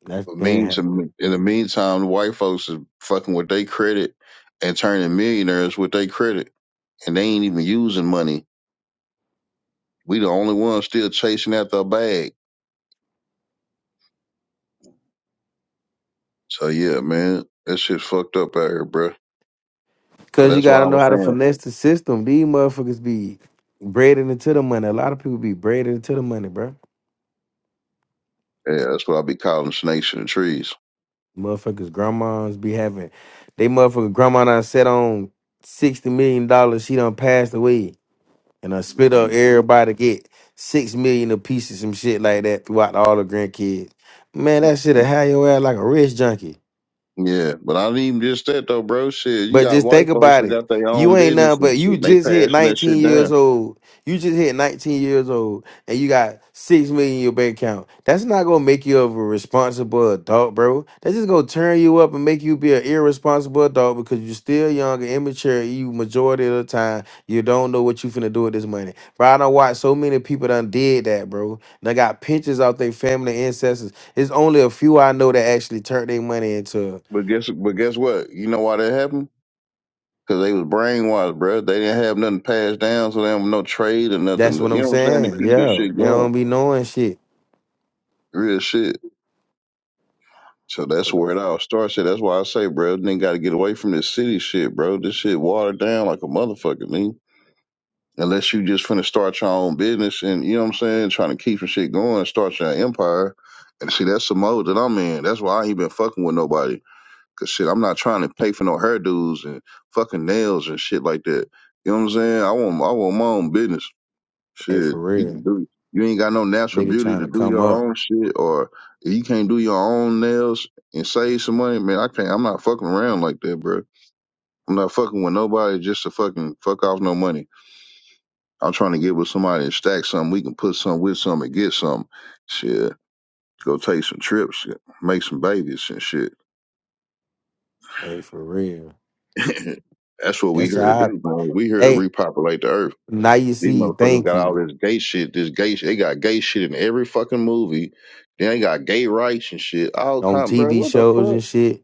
B: That's
D: But
B: been
D: means in
B: happening.
D: the meantime, white folks is fucking with their credit and turning millionaires with their credit, and they ain't even using money. We the only ones still chasing after a bag. So yeah, man, that shit fucked up out here, bruh. But
B: Cause you
D: that's why I
B: gotta know
D: was
B: how to
D: saying,
B: finesse the system. These motherfuckers be braided into the money. A lot of people be braided into the money, bro.
D: yeah, that's what I be calling snakes in the trees.
B: Motherfuckers, grandmas be having. They motherfucker grandma done set on sixty million dollars. She done passed away, and I split up everybody get six million a piece of some shit like that throughout all the grandkids. Man, that shit'll have your ass like a rich junkie.
D: Yeah, but I didn't even just that though, bro. Shit, you
B: But
D: got
B: just think
D: white folks
B: about
D: that
B: it.
D: got their
B: You
D: own
B: ain't
D: business
B: nothing
D: and
B: but
D: shit.
B: you
D: And they
B: just hit
D: passing that
B: 19
D: shit
B: years
D: down.
B: old. You just hit 19 years old and you got six million in your bank account. That's not gonna make you of a responsible adult, bro. That's just gonna turn you up and make you be an irresponsible adult because you're still young and immature. You majority of the time you don't know what you finna do with this money. Bro, I don't watch so many people done did that, bro. They got pinches out their family ancestors. It's only a few I know that actually turned their money into
D: But guess, but guess what? You know why that happened? Cause they was brainwashed, bro. They didn't have nothing passed down, so they don't have no trade or nothing.
B: That's what
D: You
B: I'm
D: know what I'm saying? To
B: saying.
D: keep this
B: Yeah,
D: shit
B: they
D: going,
B: don't be knowing shit.
D: real shit. So that's where it all starts. at. That's why I say, bro, then got to get away from this city shit, bro. This shit watered down like a motherfucker, man. Unless you just finna start your own business and you know what I'm saying, trying to keep some shit going, start your empire. And see, that's the mode that I'm in. That's why I ain't been fucking with nobody. Cause shit, I'm not trying to pay for no hairdos and fucking nails and shit like that. You know what I'm saying? I want, I want my own business.
B: Hey,
D: Shit,
B: for
D: you can
B: real,
D: do. You ain't got no natural
B: nigga
D: beauty
B: trying
D: to
B: to
D: do
B: come
D: your
B: up.
D: own shit, or if you can't do your own nails and save some money, man. I can't. I'm not fucking around like that, bro. I'm not fucking with nobody just to fucking fuck off no money. I'm trying to get with somebody and stack something. We can put something with something and get something. Shit, go take some trips, make some babies and shit.
B: Hey, for real.
D: That's what we
B: That's
D: here to
B: how. I,
D: do, bro. We here to
B: hey,
D: repopulate the earth.
B: now you
D: These
B: see.
D: motherfuckers
B: Thank
D: got all
B: you
D: this gay shit. This gay shit. They got gay shit in every fucking movie. Then they got gay rights and shit. All
B: on
D: kind, bro.
B: TV
D: What the
B: shows
D: fuck?
B: and shit.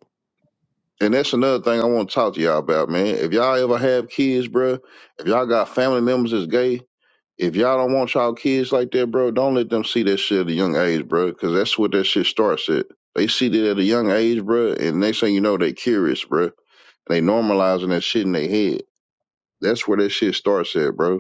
D: And that's another thing I want to talk to y'all about, man. If y'all ever have kids, bro, if y'all got family members that's gay, if y'all don't want y'all kids like that, bro, don't let them see that shit at a young age, bro, because that's what that shit starts at. They see that at a young age, bro, and next thing you know, they curious, bro. They normalizing that shit in their head. That's where that shit starts at, bro.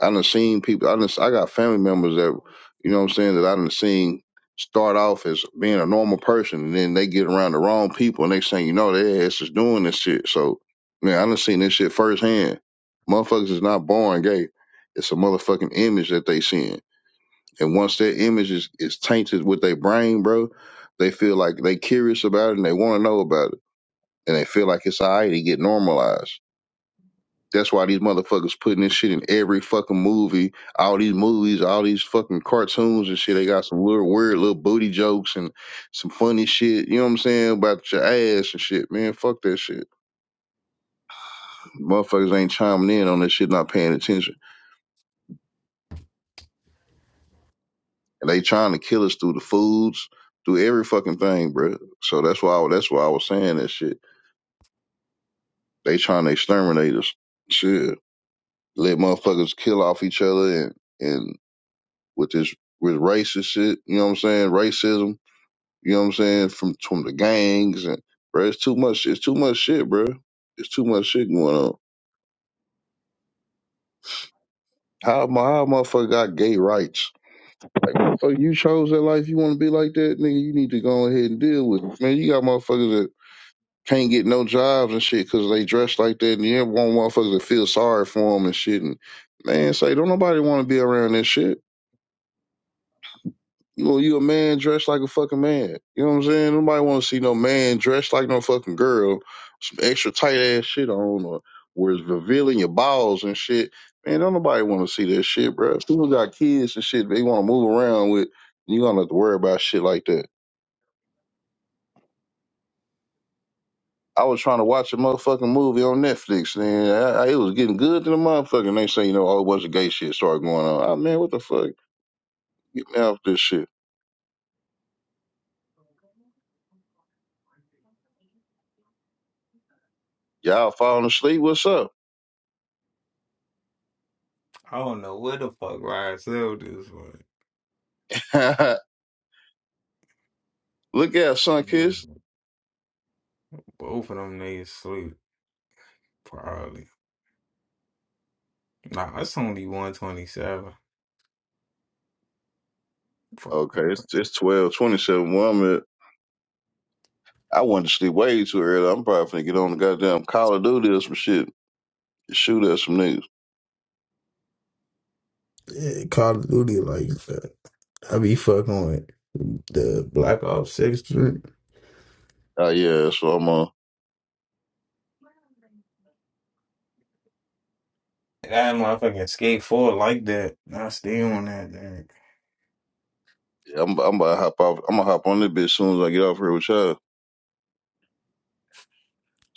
D: I done seen people. I done, I got family members that you know what I'm saying that I done seen start off as being a normal person, and then they get around the wrong people, and they saying you know their ass is doing this shit. So man, I done seen this shit firsthand. Motherfuckers is not born gay. It's a motherfucking image that they seeing, and once their image is, is tainted with their brain, bro, they feel like they curious about it and they want to know about it, and they feel like it's alright to get normalized. That's why these motherfuckers putting this shit in every fucking movie. All these movies, all these fucking cartoons and shit. They got some little weird little booty jokes and some funny shit. You know what I'm saying about your ass and shit, man. Fuck that shit. Motherfuckers ain't chiming in on that shit, not paying attention, and they trying to kill us through the foods, through every fucking thing, bro. So that's why I, that's why I was saying that shit. They trying to exterminate us. Shit, let motherfuckers kill off each other and and with this with racist shit. You know what I'm saying? Racism You know what I'm saying? From from the gangs and bro, it's too much. It's too much shit, bro. It's too much shit going on. How my how motherfucker got gay rights? Like motherfucker, you chose that life. You want to be like that, nigga. You need to go ahead and deal with it, man. You got motherfuckers that can't get no jobs and shit because they dress like that, and you ever want motherfuckers to feel sorry for them and shit. And man, say don't nobody want to be around that shit. You you a man dressed like a fucking man. You know what I'm saying? Nobody want to see no man dressed like no fucking girl, some extra tight ass shit on, or where it's revealing your balls and shit. Man, don't nobody want to see that shit, bro. People got kids and shit they want to move around with. You gonna have to worry about shit like that. I was trying to watch a motherfucking movie on Netflix, and I, I, it was getting good to the motherfucker. And they say, you know, oh, what's the gay shit started going on? Oh, man, what the fuck? Get me off this shit. Y'all falling asleep? What's up?
C: I don't know where the fuck Ryan Sell this one.
D: Look out, son,
C: Both of them niggas sleep probably. Nah, it's only 127. Fuck.
D: Okay, it's it's twelve twenty seven. Well, I'm at, I wanted to sleep way too early. I'm probably finna get on the goddamn Call of Duty or some shit, shoot at some niggas.
C: Yeah, Call of Duty like that. I be fucking with the Black Ops Six shit.
D: Uh, yeah, so I'm uh,
C: That motherfucking skate four like that. I stay on that thing.
D: yeah, I'm I'm about to hop off. I'm gonna hop on this bitch as soon as I get off here with y'all.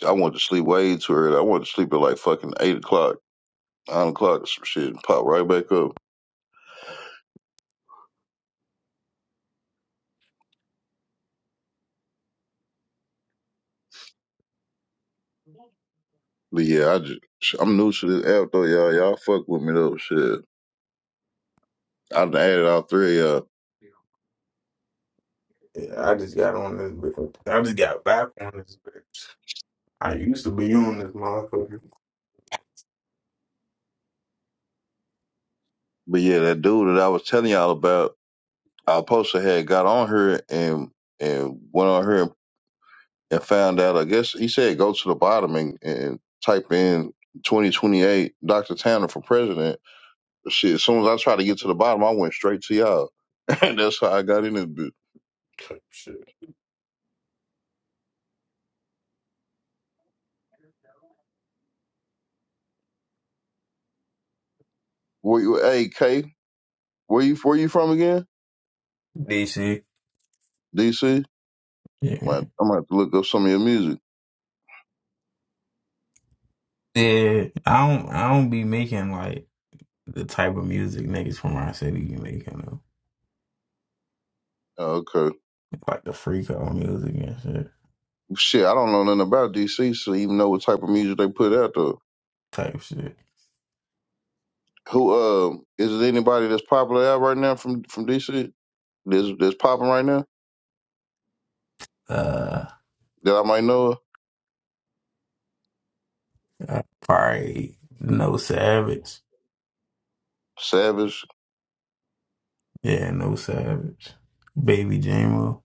D: I want to sleep way too early. I want to sleep at like fucking eight o'clock, nine o'clock or some shit, and pop right back up. But yeah, I just I'm new to this app though, y'all. Y'all fuck with me though, shit. I done added all three of y'all.
C: I just got on this bitch. I just got back on this bitch. I used to be on this motherfucker.
D: But yeah, that dude that I was telling y'all about. our poster had got on her and and went on her and found out. I guess he said go to the bottom and, and type in 2028 Dr. Tanner for president. Shit, as soon as I tried to get to the bottom, I went straight to y'all, and that's how I got in this bitch.
C: Type shit.
D: Where you, hey K, where you where you from again?
C: DC.
D: DC. I
C: Yeah.
D: might I might have to look up some of your music.
C: Yeah. I don't I don't be making like the type of music niggas from our city be making though.
D: Oh, okay,
C: Like like the freak out music and shit.
D: shit, I don't know nothing about DC, so even know what type of music they put out though.
C: Type shit.
D: Who um is it anybody that's popular out right now from from DC? that's that's popping right now
C: Uh
D: that I might know of?
C: I probably No Savage.
D: Savage.
C: Yeah, No Savage. Baby Jamo.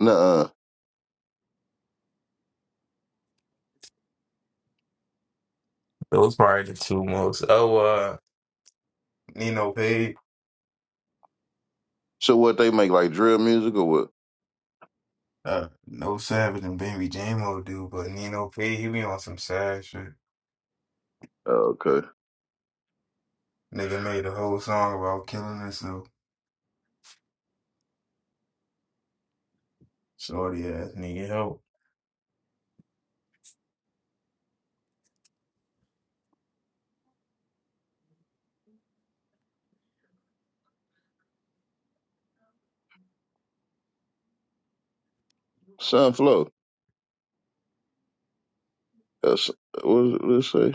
D: Nuh-uh.
C: Those probably the two most oh uh Nino Pay.
D: So what they make like drill music or what?
C: Uh No Savage and Baby Jamo do, but Nino Pay he be on some sad shit.
D: Oh, okay.
C: Nigga made a whole song about killing himself. Shorty ass nigga help.
D: Sunflow. That's what does it let's say?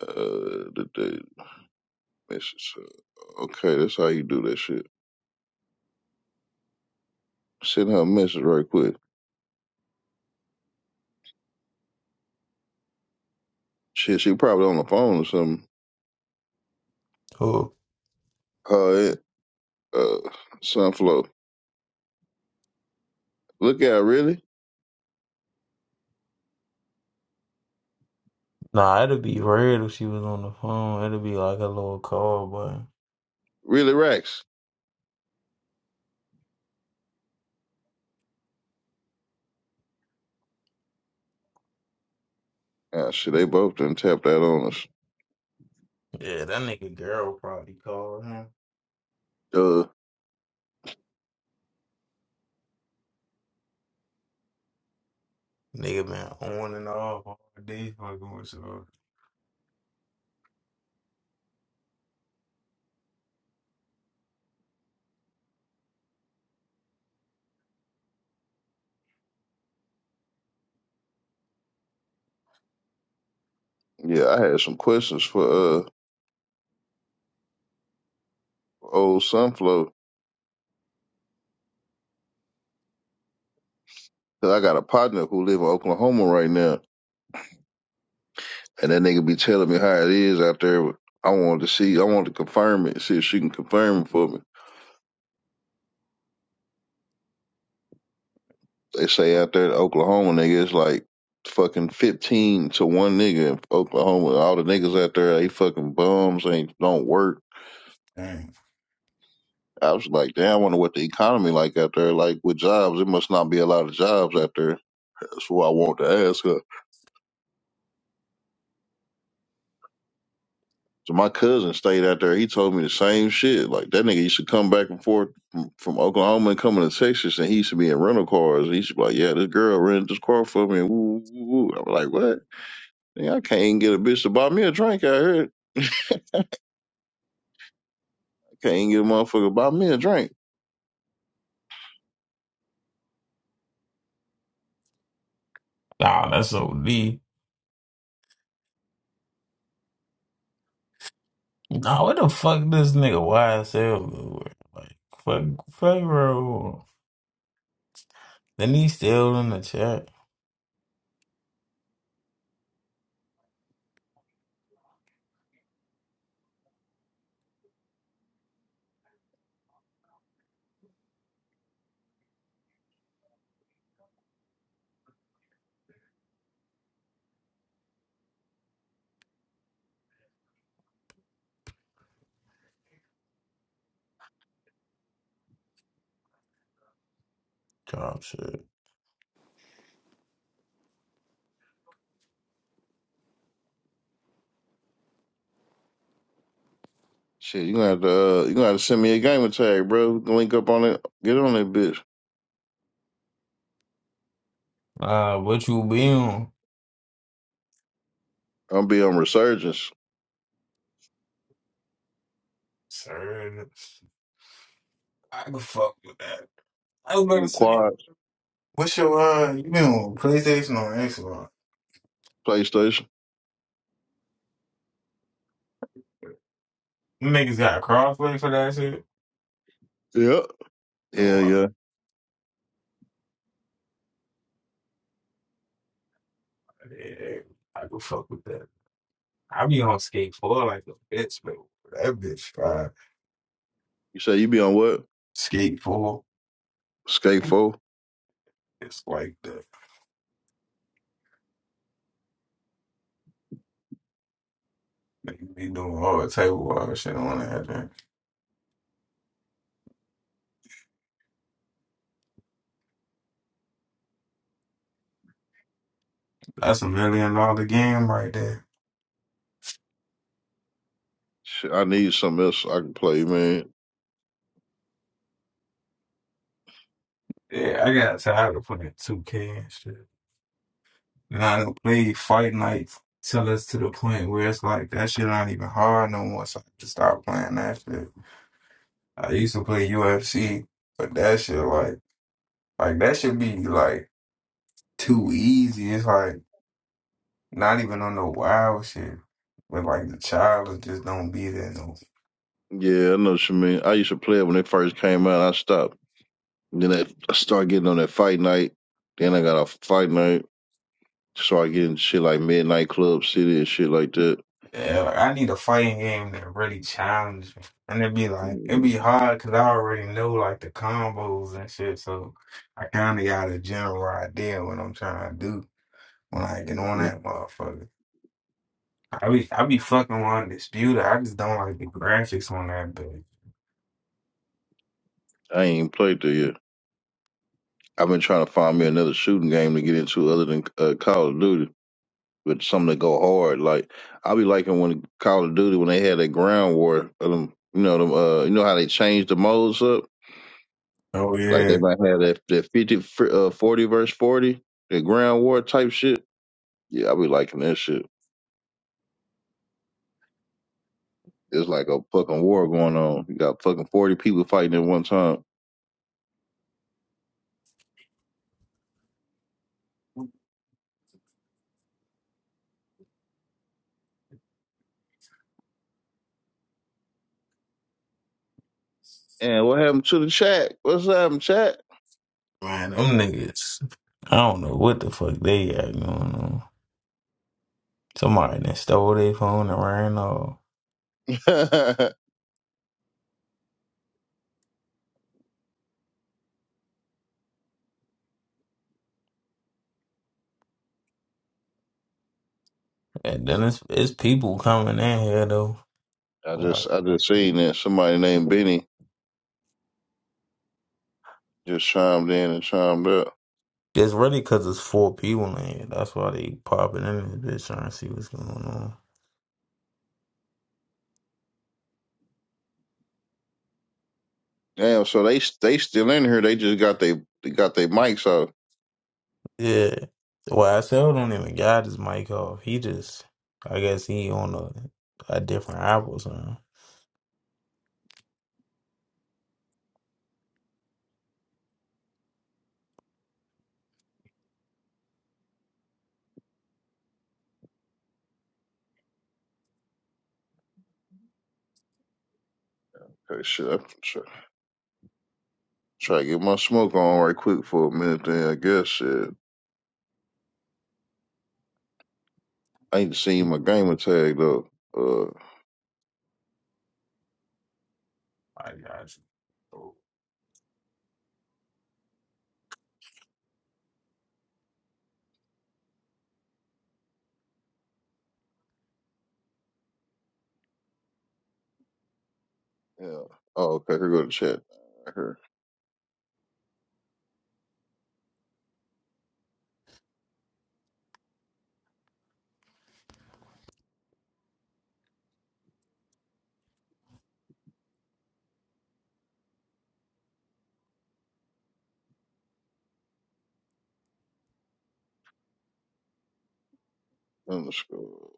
D: Uh the the message. Okay, that's how you do that shit. Send her a message right quick. Shit, she probably on the phone or something.
C: who?
D: Her and, uh Sunflow. Look out really?
C: Nah, it'd be weird if she was on the phone. It'd be like a little call, but
D: Really racks. Ah shit, they both done tapped that on us.
C: yeah, that nigga girl probably called him.
D: Uh
C: Nigga been on and off all day fucking with her.
D: yeah, I had some questions for uh old Sunflow Cause I got a partner who live in Oklahoma right now, and that nigga be telling me how it is out there. I wanted to see, I want to confirm it, see if she can confirm it for me. They say out there in Oklahoma, nigga, it's like fucking fifteen to one nigga in Oklahoma. All the niggas out there, they fucking bums, ain't don't work.
C: Dang.
D: I was like, damn, I wonder what the economy like out there. Like with jobs, it must not be a lot of jobs out there. That's what I want to ask her. So my cousin stayed out there. He told me the same shit. Like that nigga used to come back and forth from, from Oklahoma and coming to Texas, and he used to be in rental cars. And he used to be like, "Yeah, this girl rented this car for me." And woo, woo, woo. I'm like, "What? Nigga, I can't even get a bitch to buy me a drink out here. I can't even get a motherfucker to buy me a drink."
C: Nah, that's OD. Nah, where the fuck this nigga YSL go? Like, fuck, fuck, bro. Then he still in the chat. God, shit.
D: Shit, you gonna have to uh, you gonna have to send me a gamer tag, bro. We can Link up on it. Get on that bitch.
C: Uh, what you be on?
D: I'm gonna be on Resurgence,
C: Sir, I can fuck with that. I was about to say,
D: quads,
C: what's your, uh, you been on PlayStation or Xbox?
D: PlayStation.
C: Them Niggas got a crossplay for that shit.
D: Yeah,
C: Oh,
D: yeah,
C: wow.
D: yeah.
C: yeah, I go fuck with that. I be on skate four like a bitch, but that bitch fine.
D: You say you be on what?
C: Skate four,
D: Skate 4?
C: it's like the niggas be doing hard table walk shit on that. thing. That's a million dollar game right there.
D: Shit, I need something else so I can play, man.
C: Yeah, I got tired of playing two K and shit. And I don't play Fight Night till us to the point where it's like that shit not even hard no more. So I just stopped playing that shit. I used to play UFC, but that shit like. Like that should be like too easy. It's like not even on no wild shit. But like the challenge just don't be there no.
D: Yeah, I know what you mean. I used to play it when it first came out. I stopped. Then I I started getting on that fight night. Then I got off fight night. Started getting shit like Midnight Club City and shit like that.
C: Yeah, like I need a fighting game that really challenge me. And it'd be like it'd
D: hmm
C: be hard because I already know like the combos and shit. So I kind of got a general idea what I'm trying to do when I get on that motherfucker. I be I be fucking on Disputer. I just don't like the graphics on that bitch.
D: I ain't even played there yet. I've been trying to find me another shooting game to get into other than uh, Call of Duty, with something to go hard. Like I be liking when Call of Duty when they had that ground war. uh, Them, you know them. Uh, you know how they changed the modes up.
C: Oh
D: Like
C: yeah.
D: they might have that, that 50, fr- uh, 40 verse 40, the ground war type shit. Yeah, I be liking that shit. It's like a fucking war going on. You got fucking 40 people fighting at one time. And what happened to the chat? What's happened, chat?
C: Man, them niggas, I don't know what the fuck they got going on. Somebody done stole their phone and ran off.
D: I
C: And then it's, it's people coming in here, though. Like,
D: just I just seen that somebody named Benny just chimed in and chimed up.
C: it's really because it's four people in here. That's why they popping in this bitch trying to see what's going on.
D: Damn, so they they still in here. They just got they, they got their mics out.
C: Yeah. Well, I still don't even got his mic off. He just, I guess he on a, a different app or something.
D: Okay, shit. I try, try to get my smoke on right quick for a minute. Then I guess shit. I need to see my gamer tag though. Uh,
C: I got you.
D: yeah. Oh, okay. Here go the chat. Right here. Underscore.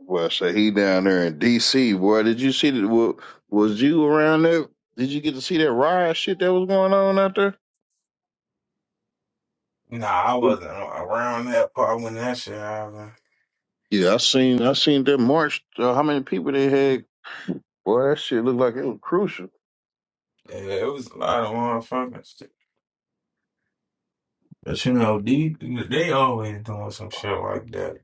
D: Boy, I say he down there in D.C. Boy, did you see that? wa- Was you around there? Did you get to see that riot shit that was going on out there?
C: Nah, I wasn't around that part when that shit happened.
D: Yeah, I seen. I seen that march. Uh, how many people they had? Boy, that shit looked like it was crucial.
C: Yeah, it was a lot of motherfuckers. But you know, they, they always doing some shit like that.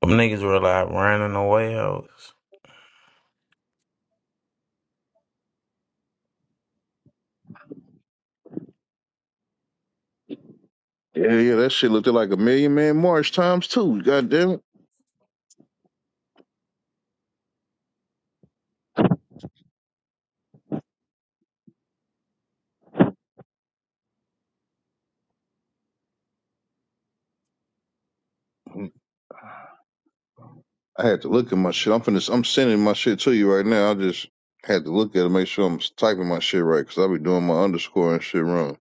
C: Them niggas were like running away hoes.
D: Yeah, yeah, that shit looked like a million man march times two. God damn it. I had to look at my shit. I'm finna, I'm sending my shit to you right now. I just had to look at it, make sure I'm typing my shit right, cause I be doing my underscore and shit wrong.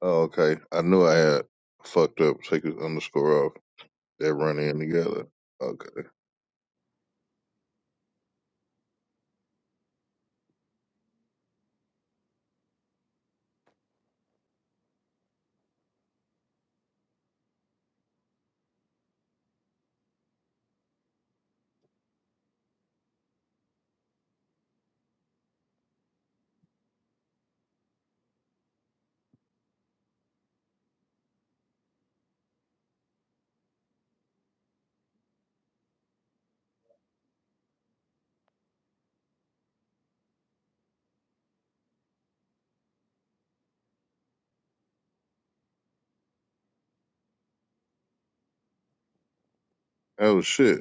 D: Oh, okay. I knew I had fucked up. Take his underscore off. That run in together. Okay. That was shit.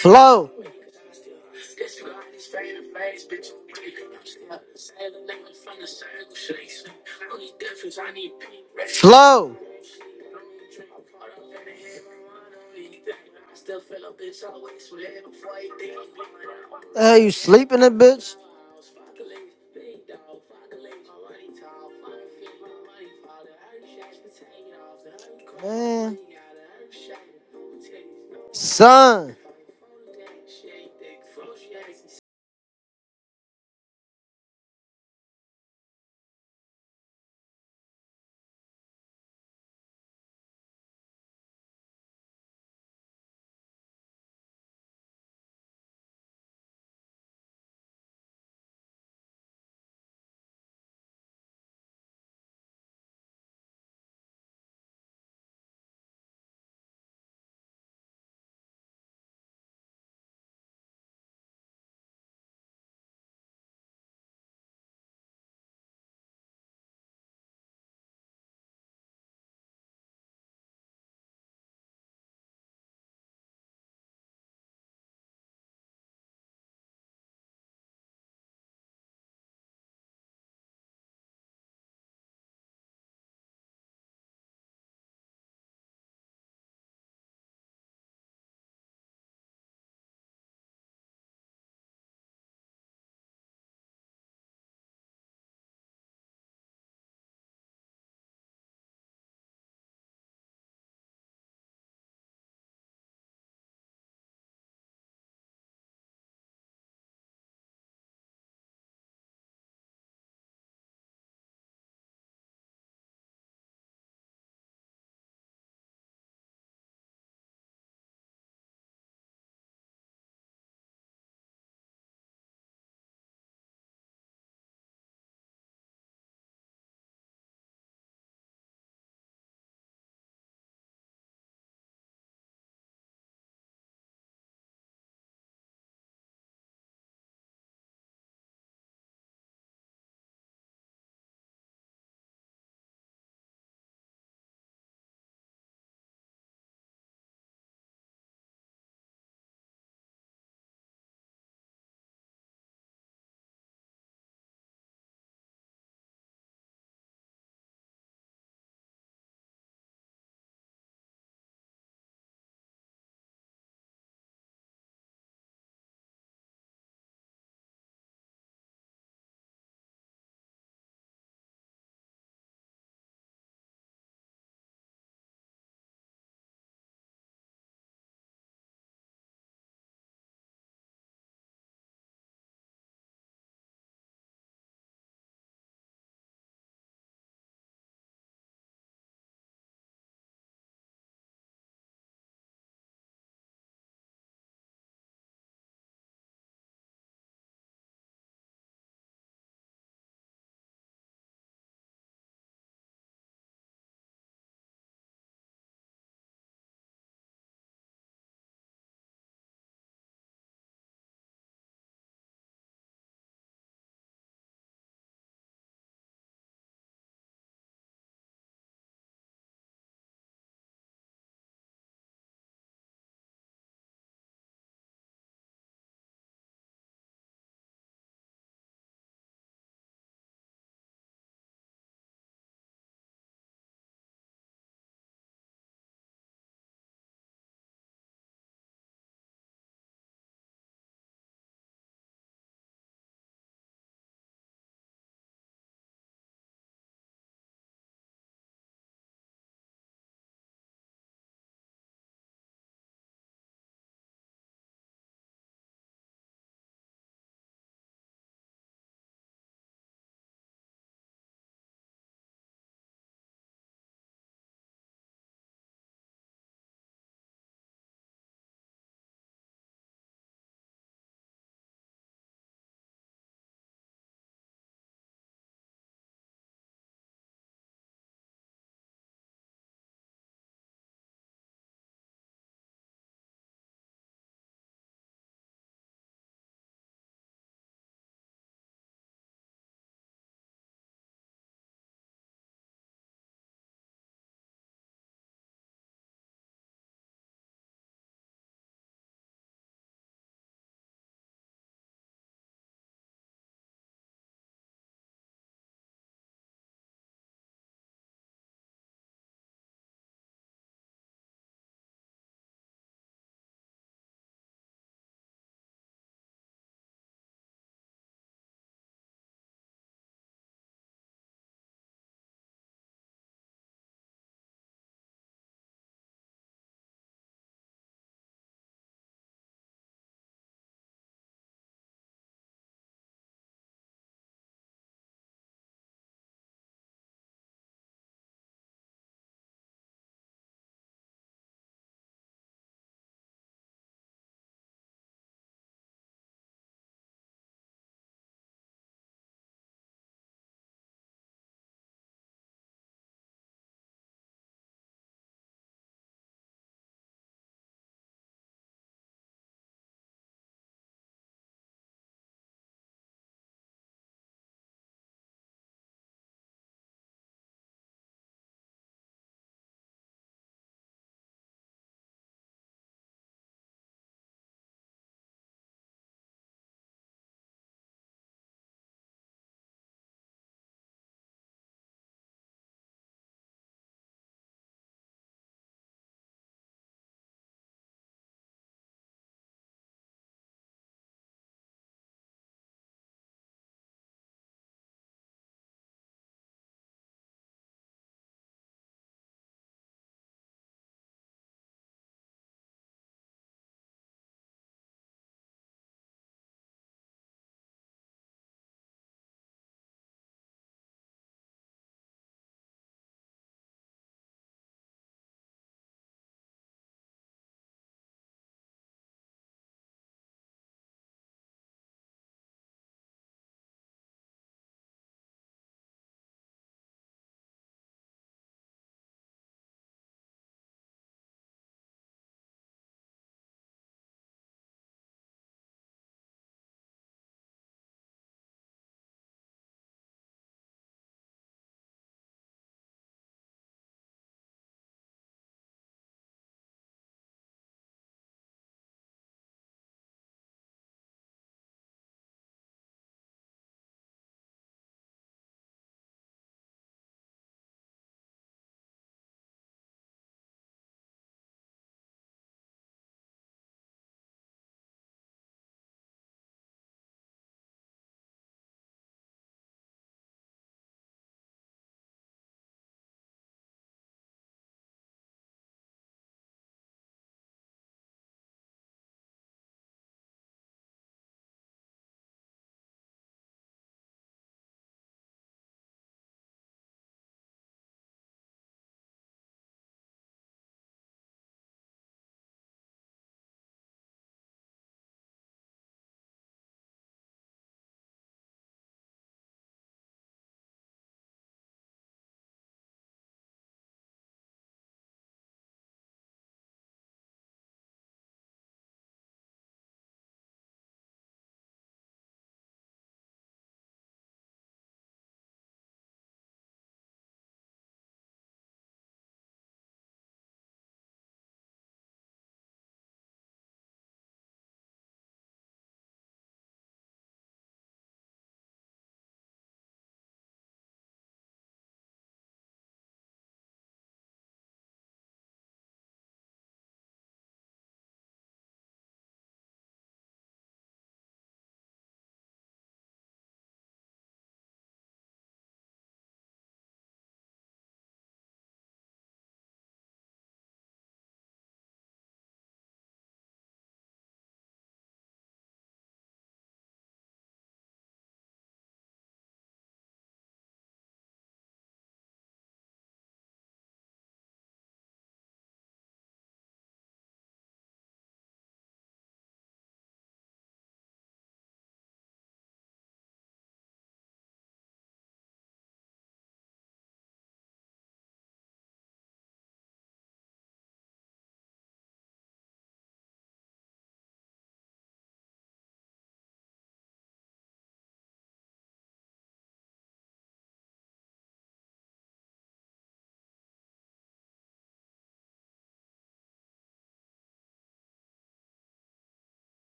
E: Flow. Flow. Are you sleeping, that bitch? Man. Son.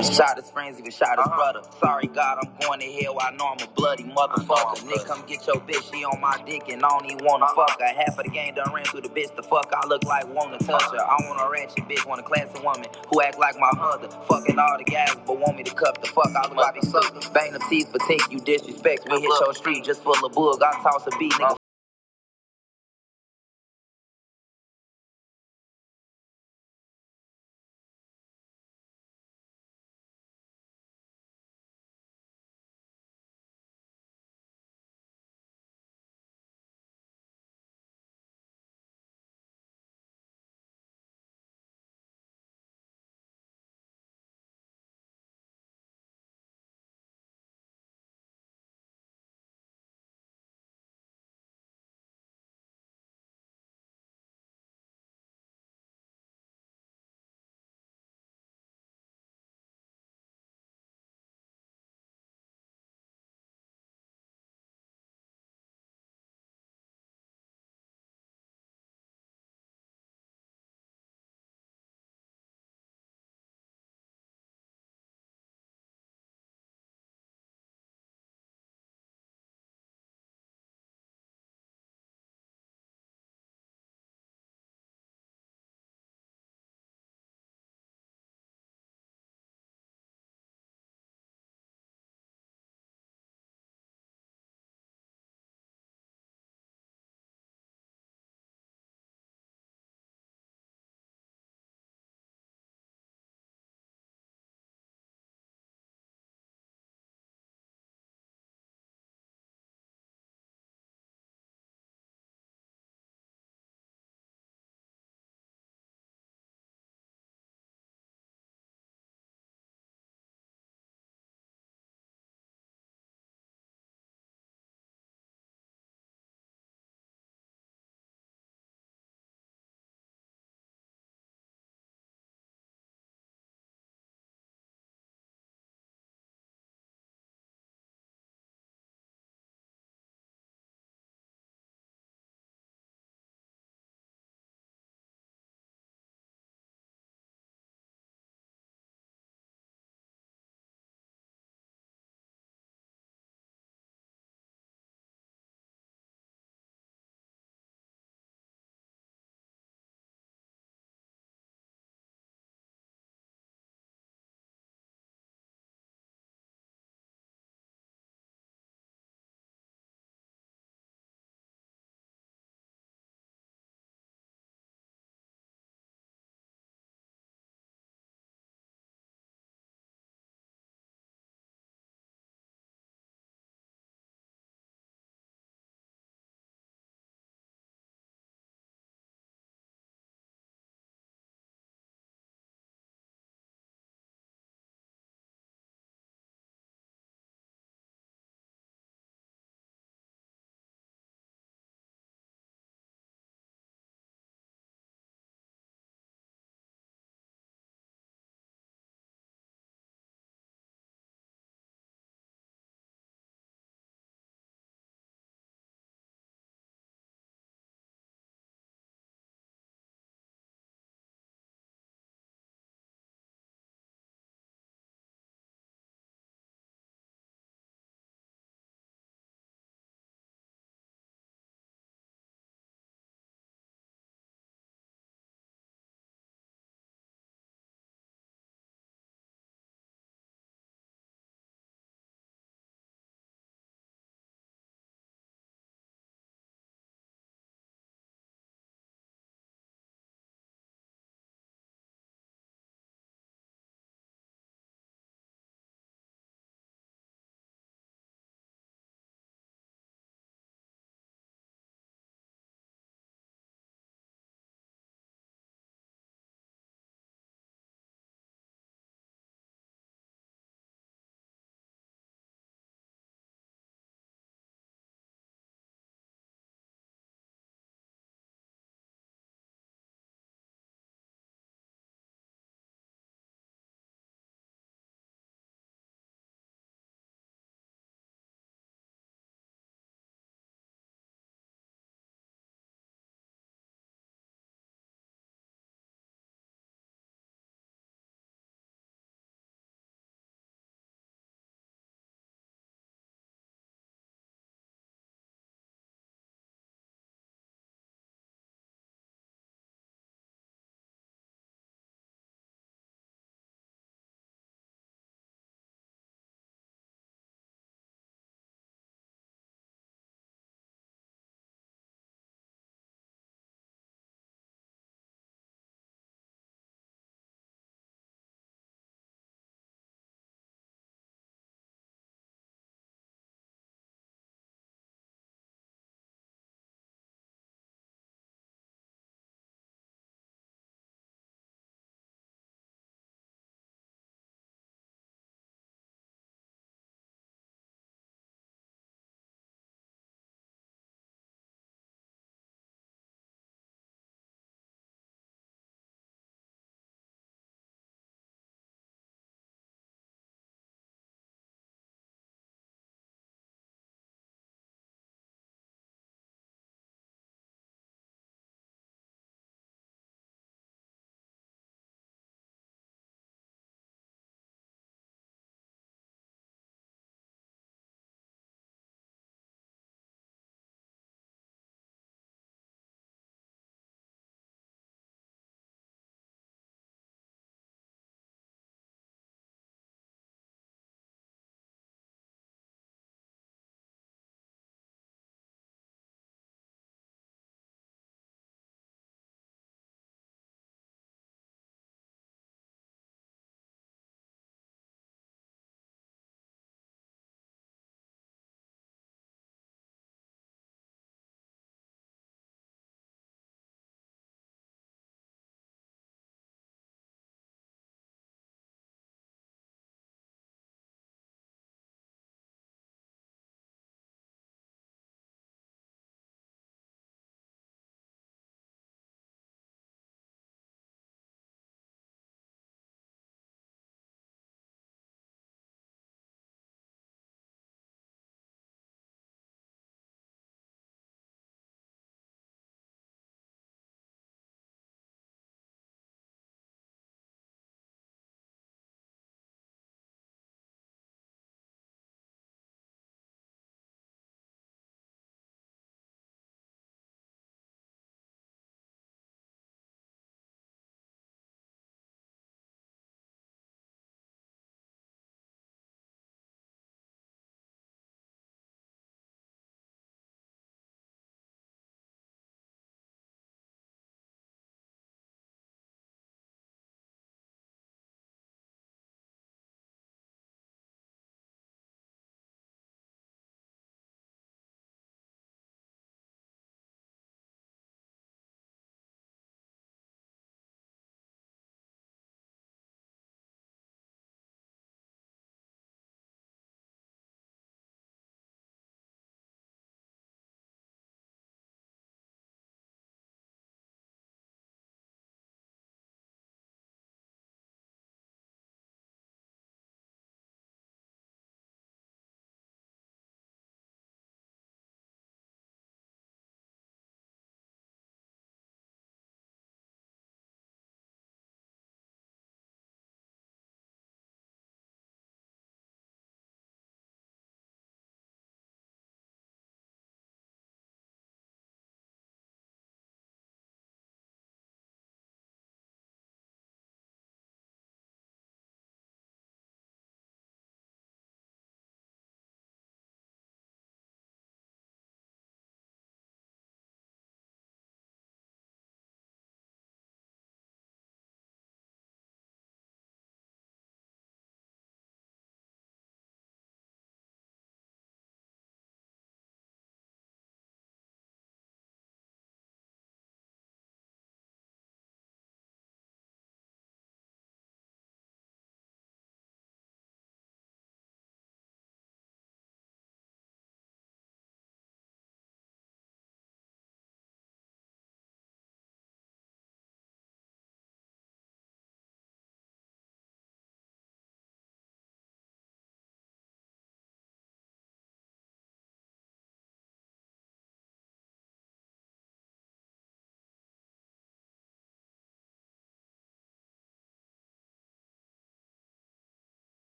F: Shot his friends, even shot his Uh-huh. brother. Sorry, God, I'm going to hell. I know I'm a bloody motherfucker. Nick, come get your bitch. She on my dick and I don't even wanna Uh-huh. fuck her. Half of the game done ran through the bitch. The fuck, I look like wanna touch her. I want a ratchet bitch, want a classy woman who act like my mother. Fucking all the guys, but want me to cup the fuck. I look like a sucker. Bang the teeth for take you disrespect. We hit your street just full of bug. I toss a beat, nigga.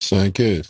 G: Sound good.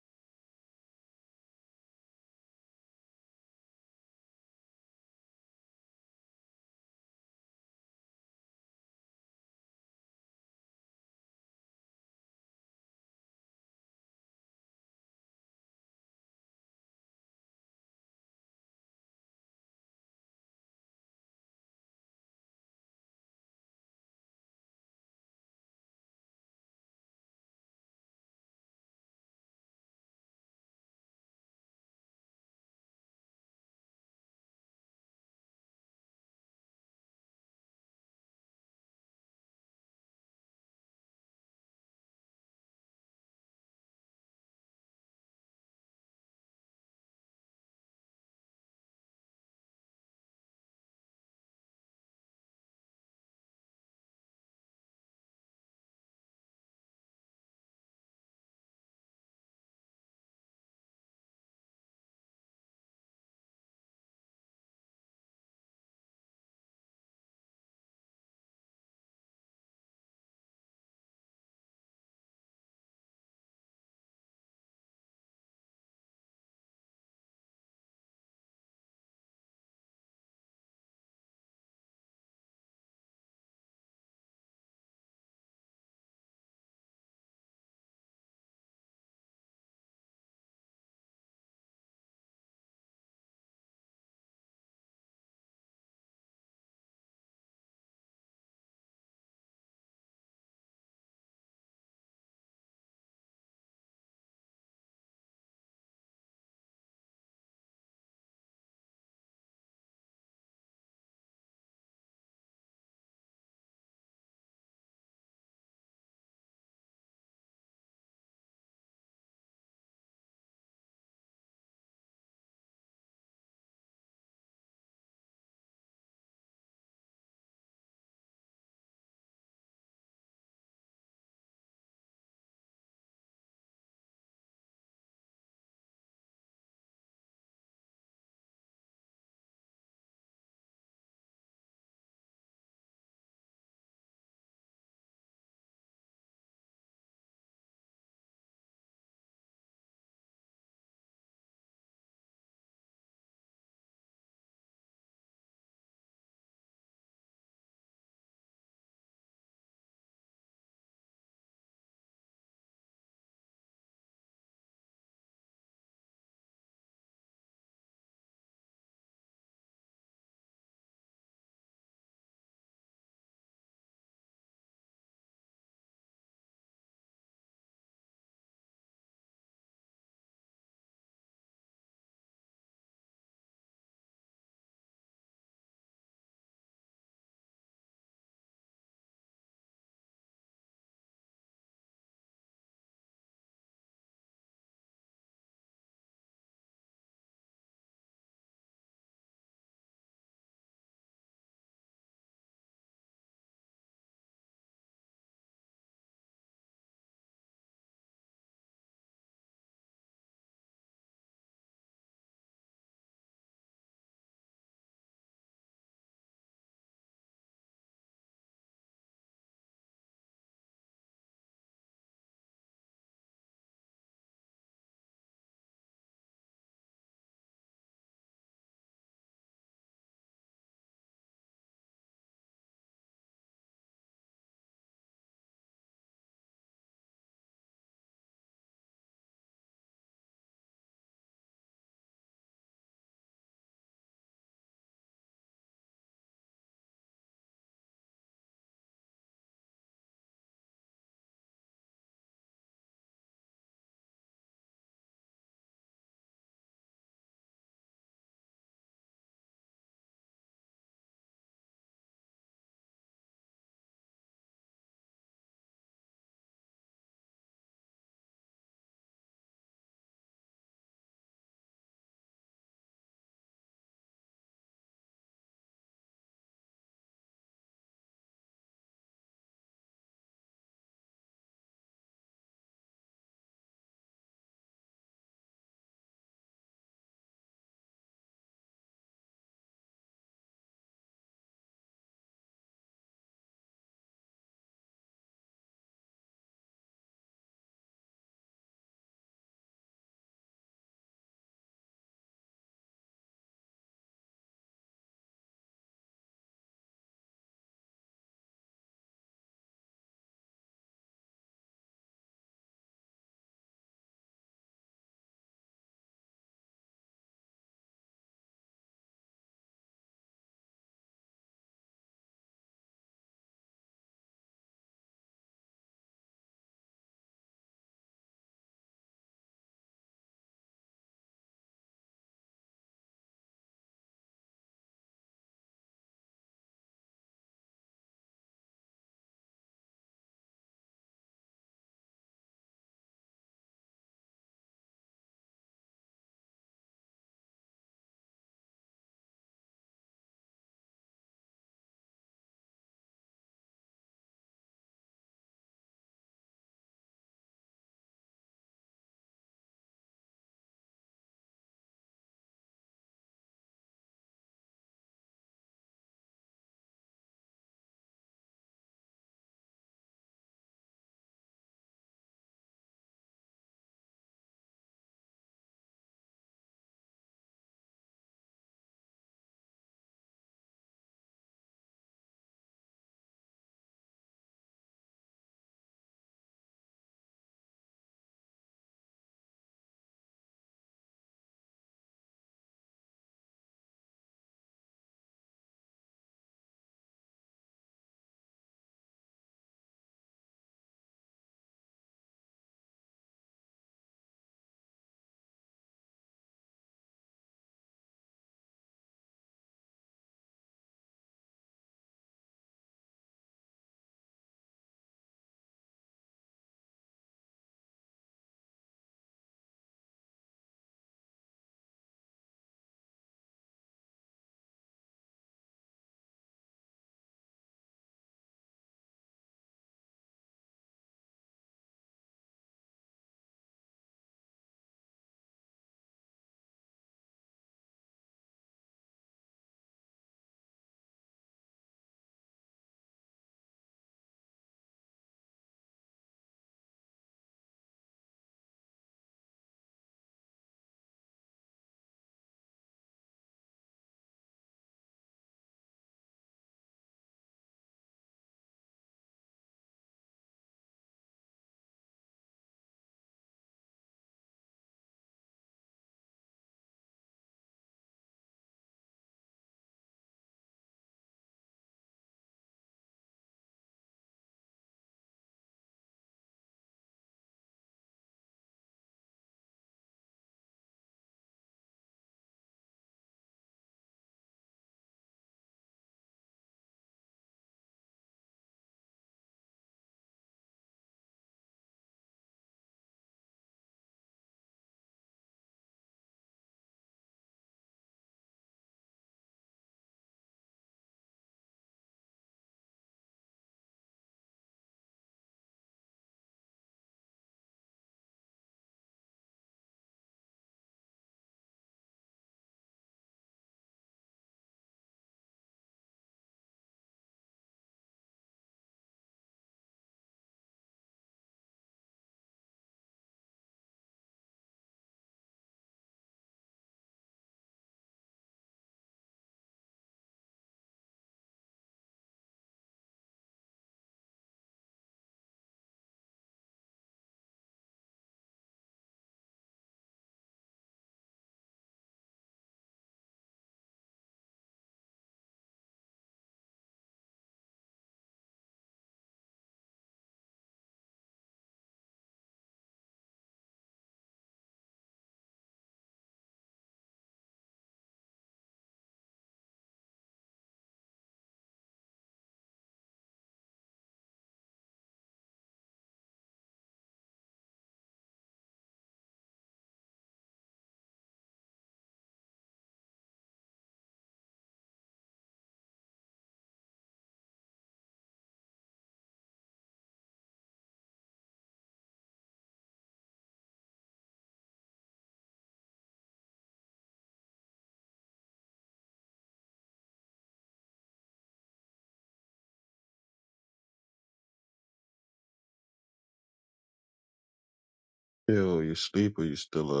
H: Phil, you sleep or you still up?